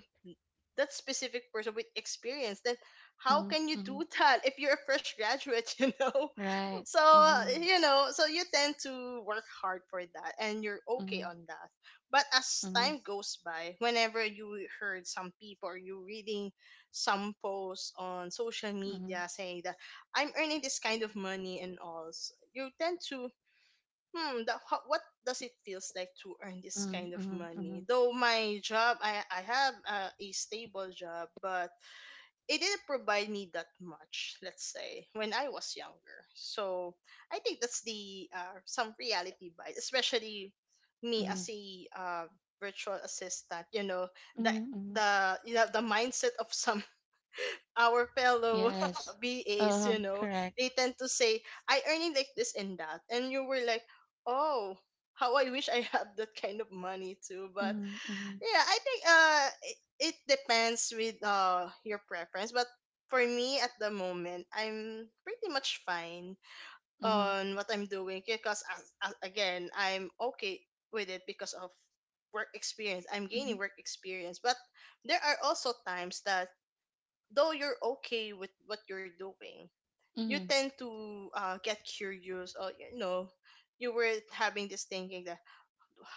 S3: that specific person with experience. Then how
S1: Hmm.
S3: can you do
S1: Hmm.
S3: that if you're a fresh graduate? You know.
S1: Right.
S3: So
S1: Hmm.
S3: you know, so you tend to work hard for that and you're okay
S1: Hmm.
S3: on that. But as
S1: Hmm.
S3: time
S1: Hmm.
S3: goes by, whenever you heard some people or you reading some posts on social
S1: Hmm.
S3: media saying that I'm earning this kind of money and all you tend to, hmm, what does it feels like to earn this
S1: Hmm.
S3: kind of money?
S1: Hmm.
S3: Though my job, I have a stable job, but it didn't provide me that much, let's say, when I was younger. So I think that's the some reality bias, especially me as a virtual assistant, you know, the
S1: Hmm. Hmm.
S3: the you know, the mindset of some our fellow
S1: Yes.
S3: BAs, you know, they
S1: Correct.
S3: tend to say, I earning like this and that. And you were like, oh, how I wish I had that kind of money too. But
S1: Mhm, mhm,
S3: yeah, I think it, it depends with your preference. But for me at the moment, I'm pretty much fine
S1: mhm,
S3: on what I'm doing because, as, again, I'm okay with it because of work experience. I'm
S1: mhm,
S3: gaining work experience. But there are also times that though you're okay with what you're doing, you
S1: mhm.
S3: tend to get curious or you know, you were having this thinking that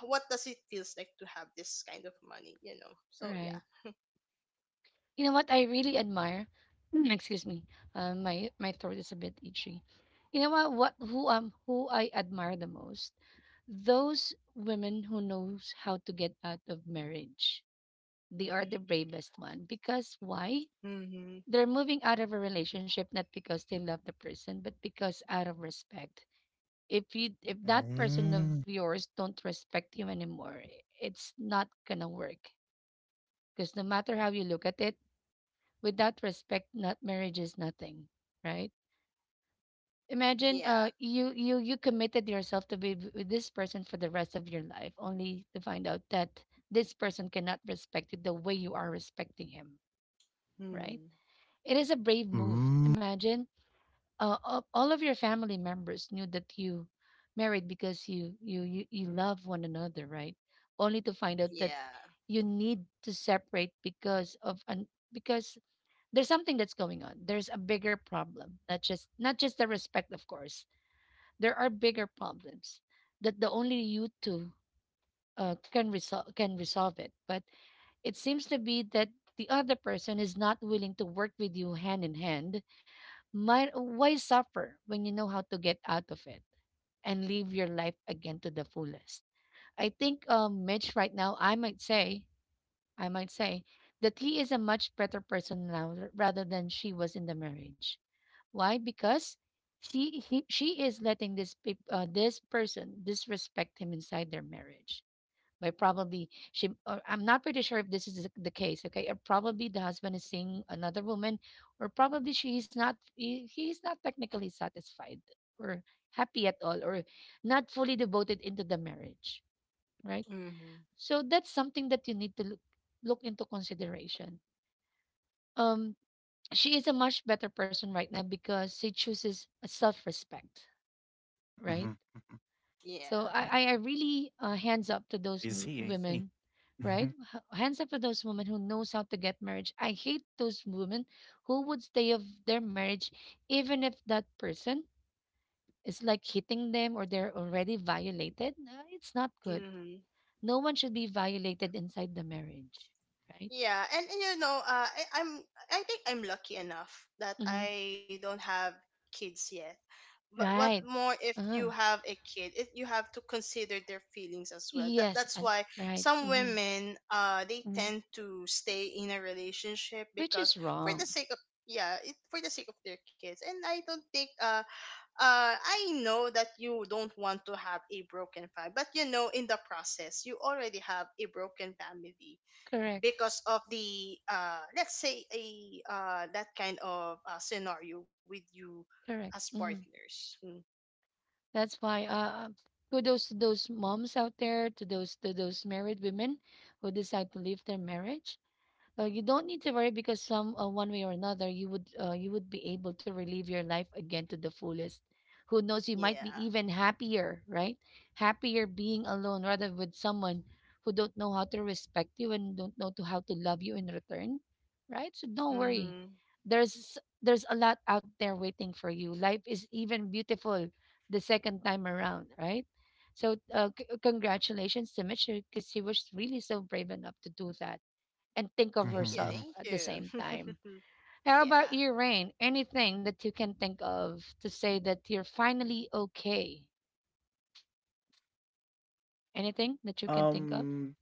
S3: what does it feels like to have this kind of money, you know? So yeah.
S1: Right. You know what I really admire? Excuse me. My throat is a bit itchy. You know what? Who I admire the most? Those women who knows how to get out of marriage. They are the bravest one because why?
S3: Mm-hmm.
S1: They're moving out of a relationship not because they love the person, but because out of respect. If that person
S2: Mm.
S1: of yours don't respect you anymore, it's not gonna work. Because no matter how you look at it, without respect, not marriage is nothing, right? Imagine
S3: Yeah.
S1: you committed yourself to be with this person for the rest of your life, only to find out that this person cannot respect you the way you are respecting him, right?
S3: Mm.
S1: It is a brave move.
S2: Mm.
S1: Imagine all of your family members knew that you married because you love one another, right? Only to find out that
S3: Yeah.
S1: you need to separate because of an because there's something that's going on. There's a bigger problem, not just the respect. Of course there are bigger problems that the only you two can resolve it, but it seems to be that the other person is not willing to work with you hand in hand. Why suffer when you know how to get out of it and live your life again to the fullest? I think Mitch right now I might say that he is a much better person now rather than she was in the marriage. Why? Because she is letting this person disrespect him inside their marriage, by probably she, or I'm not pretty sure if this is the case. Okay, or probably the husband is seeing another woman, or probably she is not he, he is not technically satisfied or happy at all, or not fully devoted into the marriage, right?
S3: Mm-hmm.
S1: So that's something that you need to look into consideration. Um, she is a much better person right now because she chooses a self-respect,
S2: Mhm,
S1: right?
S2: mhm.
S3: Yeah.
S1: So I,
S2: I
S1: I, I really hands up to those
S2: I see, I see.
S1: women, right?
S2: Mhm,
S1: Hands up to those women who knows how to get marriage. I hate those women who would stay of their marriage even if that person is like hitting them or they're already violated. It's not good.
S3: Hmm.
S1: No one should be violated inside the marriage, right?
S3: Yeah, and you know, I'm I think I'm lucky enough that
S1: Hmm.
S3: I don't have kids yet. But what
S1: Right.
S3: more if you
S1: Uh-huh.
S3: have a kid, if you have to consider their feelings as well. That
S1: Yes.
S3: that's why
S1: Right.
S3: some
S1: Mm-hmm.
S3: women they
S1: Mm-hmm.
S3: tend to stay in a relationship
S1: Which
S3: because
S1: is
S3: for the
S1: wrong.
S3: sake of, yeah, it, for the sake of their kids. And I don't think I know that you don't want to have a broken family, but you know in the process you already have a broken family
S1: Correct.
S3: because of the let's say a that kind of scenario with you as
S1: Correct. Mhm.
S3: partners. Mm,
S1: That's why kudos to those moms out there, to those married women who decide to leave their marriage. You don't need to worry because some one way or another you would, you would be able to relive your life again to the fullest. Who knows? You might be
S3: yeah.
S1: even happier, right? Happier being alone rather with someone who don't know how to respect you and don't know to how to love you in return, right? So don't
S3: Mm-hmm.
S1: worry. There's there's a lot out there waiting for you. Life is even beautiful the second time around, right? So congratulations to Mitch because he was really so brave enough to do that and think of
S3: Thank you,
S1: yourself
S2: mhm,
S3: thank
S2: mhm.
S1: at the same
S3: you.
S1: time. How
S3: Yeah.
S1: about you, Rain? Anything that you can think of to say that you're finally okay? Anything that you can think of,
S2: Um,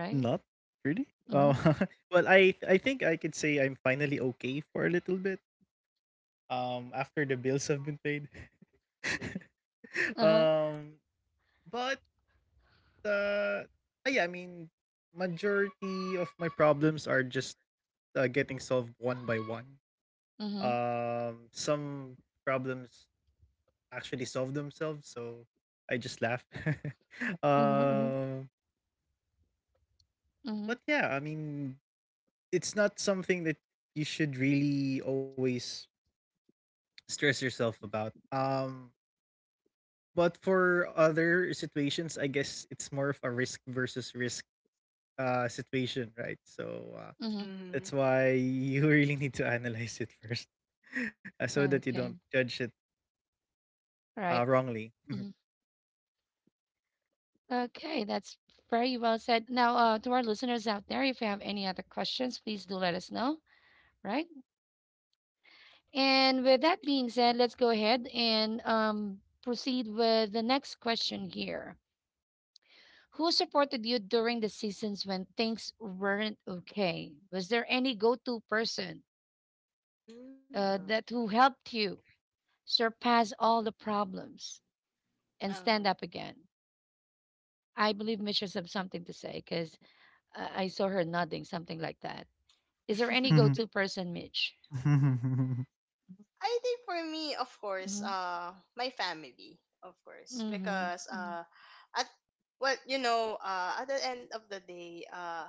S1: right?
S2: Not really.
S1: Mm-hmm.
S2: Uh, well, I think I could say I'm finally okay for a little bit. After the bills have been paid.
S1: Uh-huh.
S2: um, but uh, ah, yeah, I mean, majority of my problems are just getting solved one by one.
S1: Mm-hmm.
S2: Some problems actually solve themselves, so I just laugh.
S1: Mm-hmm. Mm-hmm.
S2: um,
S1: Mm-hmm.
S2: but yeah, I mean, it's not something that you should really always stress yourself about. But for other situations, I guess it's more of a risk versus risk situation, right? So
S1: Mm-hmm.
S3: Mm-hmm.
S2: that's why you really need to analyze it first, so that you don't
S1: Okay.
S2: judge it
S1: All right.
S2: wrongly.
S1: Mhm. Okay, that's very well said. Now, to our listeners out there, if you have any other questions, please do let us know, right? And with that being said, let's go ahead and proceed with the next question here. Who supported you during the seasons when things weren't okay? Was there any go to person,
S3: Mm.
S1: that who helped you surpass all the problems and
S3: Uh-huh.
S1: stand up again? I believe Mitch has something to say because I saw her nodding, something like that. Is there any go to person, Mitch?
S3: I think for me, of course,
S1: Mm-hmm.
S3: my family, of course, because
S1: Mm-hmm.
S3: at, well, you know, at the end of the day,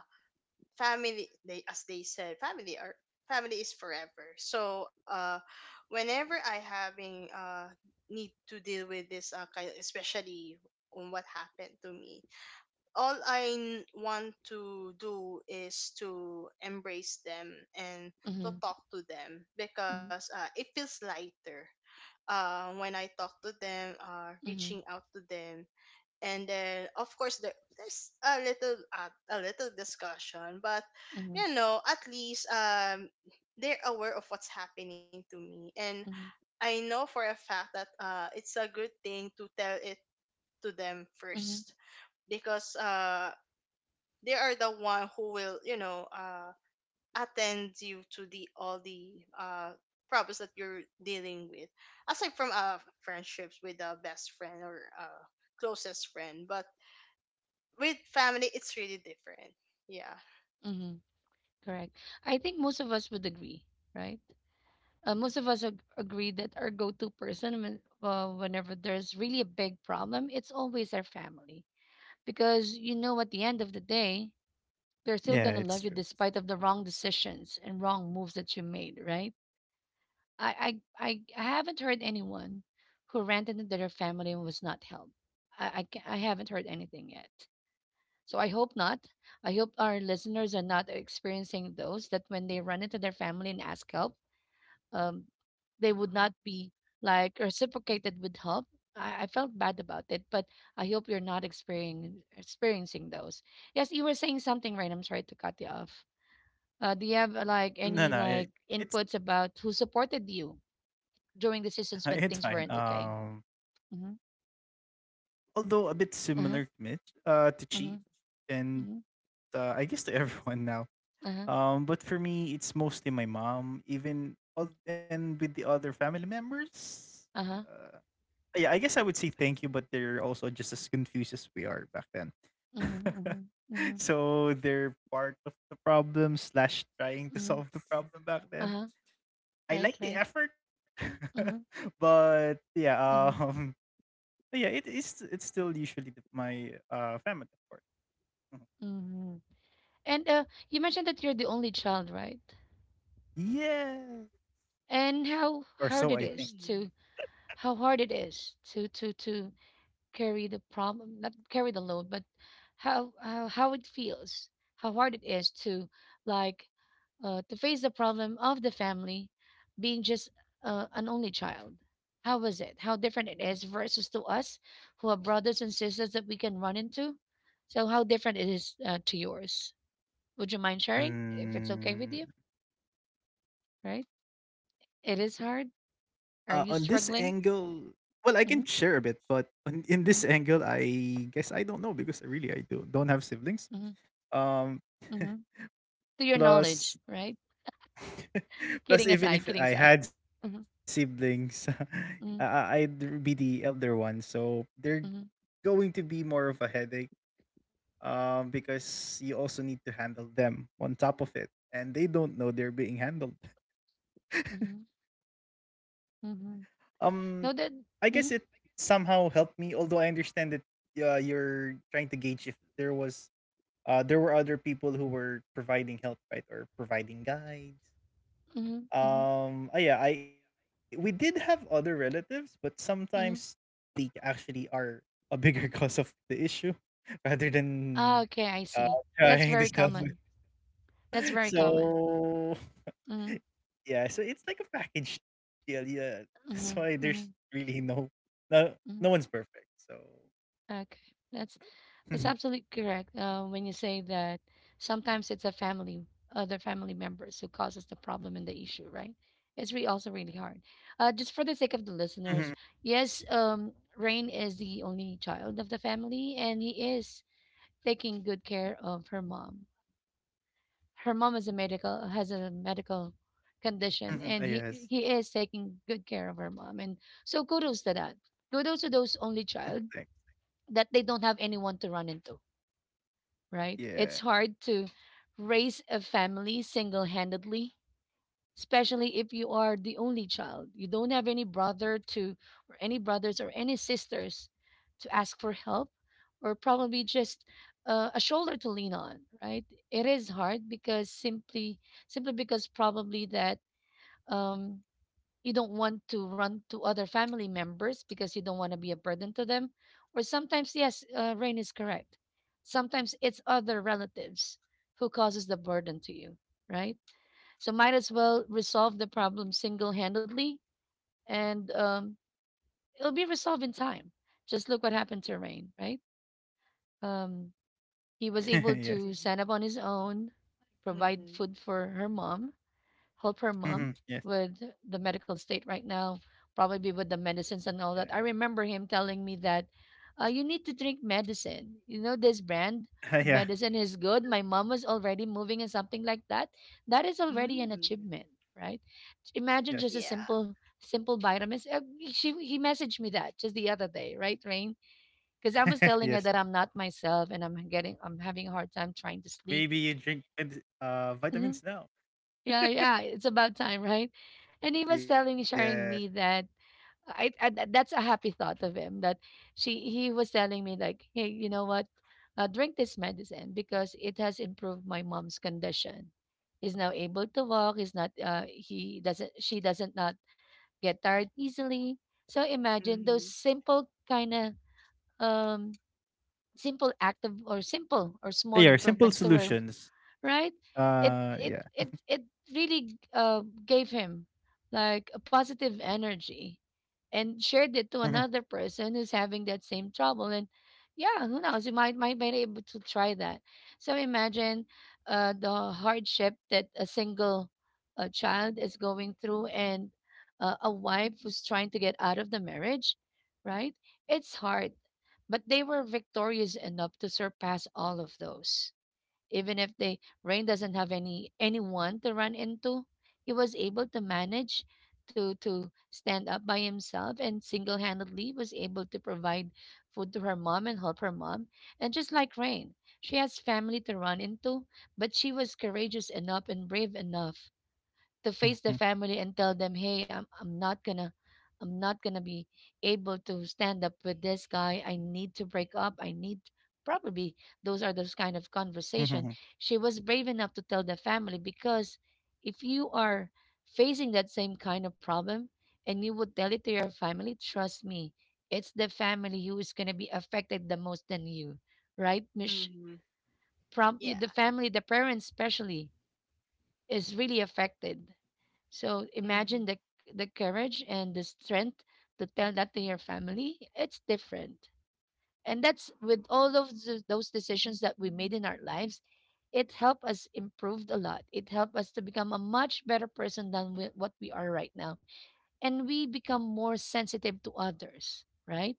S3: family they as they said family are family is forever. So whenever I having need to deal with this kind, especially on what happened to me, all I want to do is to embrace them and to
S1: Mm-hmm.
S3: talk to them, because it feels lighter when I talk to them,
S1: Mm-hmm.
S3: reaching out to them. And then, of course, there's a little discussion, but
S1: Mm-hmm. Mm-hmm.
S3: you know at least they're aware of what's happening to me. And
S1: Mm-hmm. Mm-hmm.
S3: I know for a fact that it's a good thing to tell it to them
S1: Mm-hmm,
S3: first, because they are the one who will, you know, attend you to the all the problems that you're dealing with, aside from friendships with a best friend or closest friend. But with family, it's really different. Yeah.
S1: mm-hmm. Correct. I think most of us would agree, right? Most of us agree that our go-to person whenever there's really a big problem, it's always our family because you know at the end of the day they're still going
S2: Yeah,
S1: to love
S2: it's
S1: you
S2: true.
S1: despite of the wrong decisions and wrong moves that you made, right? I haven't heard anyone who ranted into their family and was not helped. I haven't heard anything yet, so I hope not. I hope our listeners are not experiencing those, that when they run into their family and ask help, um, they would not be like reciprocated with help. I felt bad about it, but I hope you're not experiencing those. Yes, you were saying something, right? I'm sorry to cut you off. Do you have like any
S2: No, no,
S1: like
S2: it, it's
S1: inputs about who supported you during decisions when
S2: it's
S1: things
S2: fine.
S1: weren't okay?
S2: Um,
S1: Mm-hmm.
S2: although a bit
S1: Uh-huh.
S2: similar to Mitch, to
S1: Yes. Mm-hmm.
S2: Chi, and
S1: Mm-hmm.
S2: I guess to everyone now.
S1: Uh-huh.
S2: But for me, it's mostly my mom. And with the other family members,
S1: Uh-huh.
S2: uh, yeah, I guess I would say thank you, but they're also just as confused as we are back then.
S1: Mm-hmm. Mm-hmm. Mm-hmm.
S2: So they're part of the problem slash trying
S1: Mm-hmm.
S2: to solve the problem back
S1: Uh-huh.
S2: then.
S1: Right,
S2: I
S1: right.
S2: like the effort,
S1: Mm-hmm.
S2: but yeah.
S1: Mm-hmm.
S2: um, yeah, it is. It's still usually my family, of course. Mhm.
S1: Mm-hmm. And you mentioned that you're the only child, right?
S2: Yeah.
S1: And
S2: Or so I think.
S1: how hard it is to carry the problem, not carry the load, but how it feels, how hard it is to like, to face the problem of the family being just an only child. How different it is versus to us who are brothers and sisters that we can run into? So how different it is, to yours? Would you mind sharing if it's okay
S2: Mm,
S1: with you, right? It is hard.
S2: on this
S1: Are you
S2: angle,
S1: struggling?
S2: well, I can share a bit,
S1: Hmm.
S2: but in this angle, I guess I don't know because really I do don't have siblings.
S1: Mhm,
S2: Um,
S1: mhm. To your
S2: plus,
S1: knowledge, right?
S2: plus
S1: Kidding
S2: even
S1: aside,
S2: if
S1: kidding
S2: I
S1: aside.
S2: had
S1: Mhm,
S2: siblings,
S1: mhm,
S2: I'd be the elder one, so they're
S1: mhm,
S2: going to be more of a headache, because you also need to handle them on top of it, and they don't know they're being handled.
S1: mhm, mhm.
S2: Um,
S1: No,
S2: I
S1: that.
S2: guess it
S1: Mhm,
S2: somehow helped me, although I understand that you're trying to gauge if there was there were other people who were providing help, right, or providing guides.
S1: mhm, mhm,
S2: Ah, yeah, I we did have other relatives, but sometimes
S1: mhm.
S2: they actually are a bigger cause of the issue rather than
S1: Ah, okay, I
S2: uh,
S1: see. That's
S2: trying to
S1: very
S2: solve it.
S1: common. That's very common.
S2: So
S1: Mm-hmm,
S2: yeah, so it's like a package deal. Yeah, that's why
S1: mm-hmm,
S2: there's
S1: mm-hmm.
S2: really no no one's
S1: Mm-hmm.
S2: perfect. So
S1: Okay, that's That's
S2: mhm,
S1: absolutely correct. When you say that sometimes it's a family, other family members who causes the problem and the issue, right? It's also really hard. Just for the sake of the listeners,
S2: mhm,
S1: yes, Rain is the only child of the family, and he is taking good care of her mom. Her mom is a medical has a medical condition,
S2: mhm,
S1: and
S2: ah,
S1: he
S2: yes.
S1: he is taking good care of her mom. And so kudos to that. Kudos to those
S2: Mm,
S1: only
S2: thanks.
S1: child that they don't have anyone to run into, right?
S2: Yeah,
S1: It's hard to raise a family single handedly, especially if you are the only child. You don't have any brother to, or any brothers or any sisters to ask for help, or probably just a shoulder to lean on, right? It is hard because simply because probably that. Um, you don't want to run to other family members because you don't want to be a burden to them. Or sometimes, yes, Rain is correct. Sometimes it's other relatives who causes the burden to you, right? So might as well resolve the problem single-handedly, and it'll be resolved in time. Just look what happened to Rain, right? Um, he was able
S2: yes.
S1: to
S3: Mm-hmm.
S1: stand up on his own, provide food for her mom, help her mom
S2: Mhm, yes,
S1: with the medical state right now, probably with the
S2: yeah,
S1: medicines and all that. I remember him telling me that you need to drink medicine. You know, this brand
S2: yeah,
S1: of medicine is good. My mom was already moving and something like that. That is already an
S3: Mm-hmm.
S1: achievement, right? Imagine
S2: yes,
S1: just a
S3: Yeah.
S1: simple, simple vitamins. He messaged me that just the other day, right, Rain? Because I was
S2: yes.
S1: telling her that I'm not myself and I'm having a hard time trying to
S2: Maybe
S1: sleep.
S2: you drink
S1: Mm-hmm.
S2: vitamins now.
S1: Yeah, yeah, it's about time, right? And he was telling
S2: Yeah.
S1: me, sharing me that that's a happy thought of him that she he was telling me like, hey, you know what? Drink this medicine because it has improved my mom's condition. He's now able to walk. He's not. He doesn't. She doesn't not get tired easily. So imagine
S3: Mm-hmm.
S1: those simple kind of um simple act of or simple or small
S2: Yeah, simple
S1: improvement to her,
S2: solutions.
S1: right? It it
S2: Yeah.
S1: it it really gave him like a positive energy and
S2: Mhm,
S1: shared it to another person who's having that same trouble. And yeah, who knows? You might be able to try that. So imagine the hardship that a single child is going through, and a wife who's trying to get out of the marriage, right? It's hard, but they were victorious enough to surpass all of those. Even if the rain doesn't have any anyone to run into, he was able to manage to stand up by himself and single-handedly was able to provide food to her mom and help her mom. And just like Rain, she has family to run into, but she was courageous enough and brave enough to face the
S2: mhm,
S1: family and tell them, "Hey, I'm not gonna be able to stand up with this guy. I need to break up. I need probably those are those kind of
S2: mhm,
S1: conversation." She was brave enough to tell the family because if you are facing that same kind of problem and you would tell it to your family, trust me, it's the family who is gonna be affected the most than you, right, Mish?
S3: Mm-hmm. Yeah.
S1: The family, the parents especially, is really affected. So
S3: Mm-hmm.
S1: imagine the courage and the strength to tell that to your family. It's different. And that's, with all of those decisions that we made in our lives, it helped us improve a lot. It helped us to become a much better person than what we are right now. And we become more sensitive to others, right?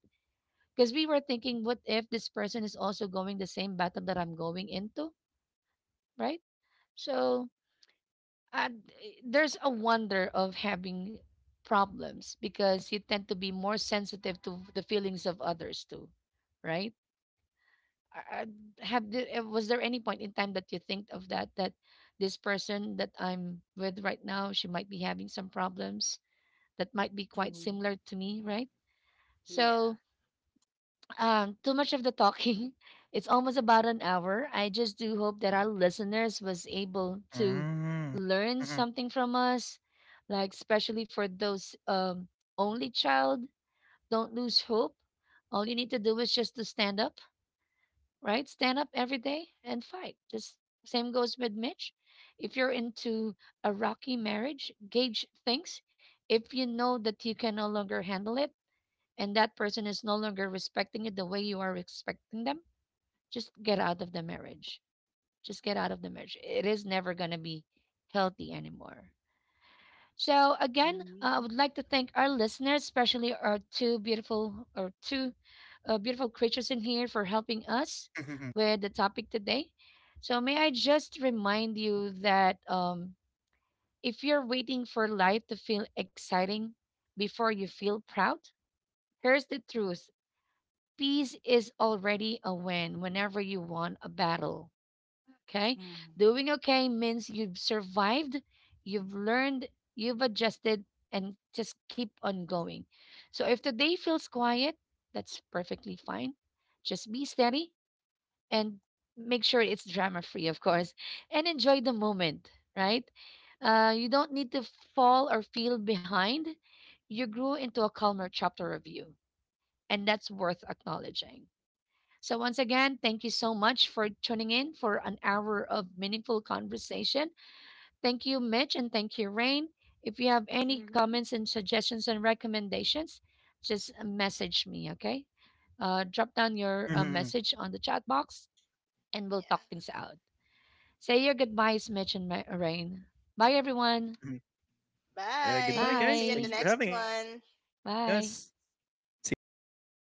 S1: Because we were thinking, what if this person is also going the same battle that I'm going into, right? So there's a wonder of having problems because you tend to be more sensitive to the feelings of others too, right? I- have the, was there any point in time that you think of that this person that I'm with right now, she might be having some problems that might be quite
S3: Mm-hmm.
S1: similar to me, right?
S3: Yeah.
S1: So too much of the talking. It's almost about an hour. I just do hope that our listeners was able to
S2: mhm,
S1: learn
S2: mhm,
S1: something from us, like especially for those only child, don't lose hope. All you need to do is just to stand up, right? Stand up every day and fight. This same goes with Mitch. If you're into a rocky marriage, gauge things. If you know that you can no longer handle it, and that person is no longer respecting it the way you are expecting them, just get out of the marriage. Just get out of the marriage. It is never going to be healthy anymore. So, again,
S3: Mm-hmm.
S1: I would like to thank our listeners, especially our two beautiful creatures in here for helping us
S2: mhm,
S1: with the topic today. So, may I just remind you that if you're waiting for life to feel exciting before you feel proud, here's the truth. Peace is already a win whenever you won a battle.
S3: Mm-hmm.
S1: Okay? Doing okay means you've survived, you've learned, you've adjusted, and just keep on going. So if the day feels quiet, that's perfectly fine. Just be steady and make sure it's drama free, of course, and enjoy the moment, right? You don't need to fall or feel behind. You grew into a calmer chapter of you, and that's worth acknowledging. So, once again, thank you so much for tuning in for an hour of meaningful conversation. Thank you, Mitch, and thank you, Rain. If you have any
S3: Mm-hmm.
S1: comments and suggestions and recommendations, just message me, okay? Drop down your
S2: mhm,
S1: message on the chat box
S3: Yeah.
S1: and we'll talk things out. Say your goodbyes, Mitch and Rain. Bye, everyone.
S2: mhm.
S3: Bye,
S2: Goodbye,
S3: see you in the
S2: guys. Thanks
S3: next
S1: Bye.
S2: for having
S3: one.
S2: us. See you
S1: Bye.
S2: in the next one.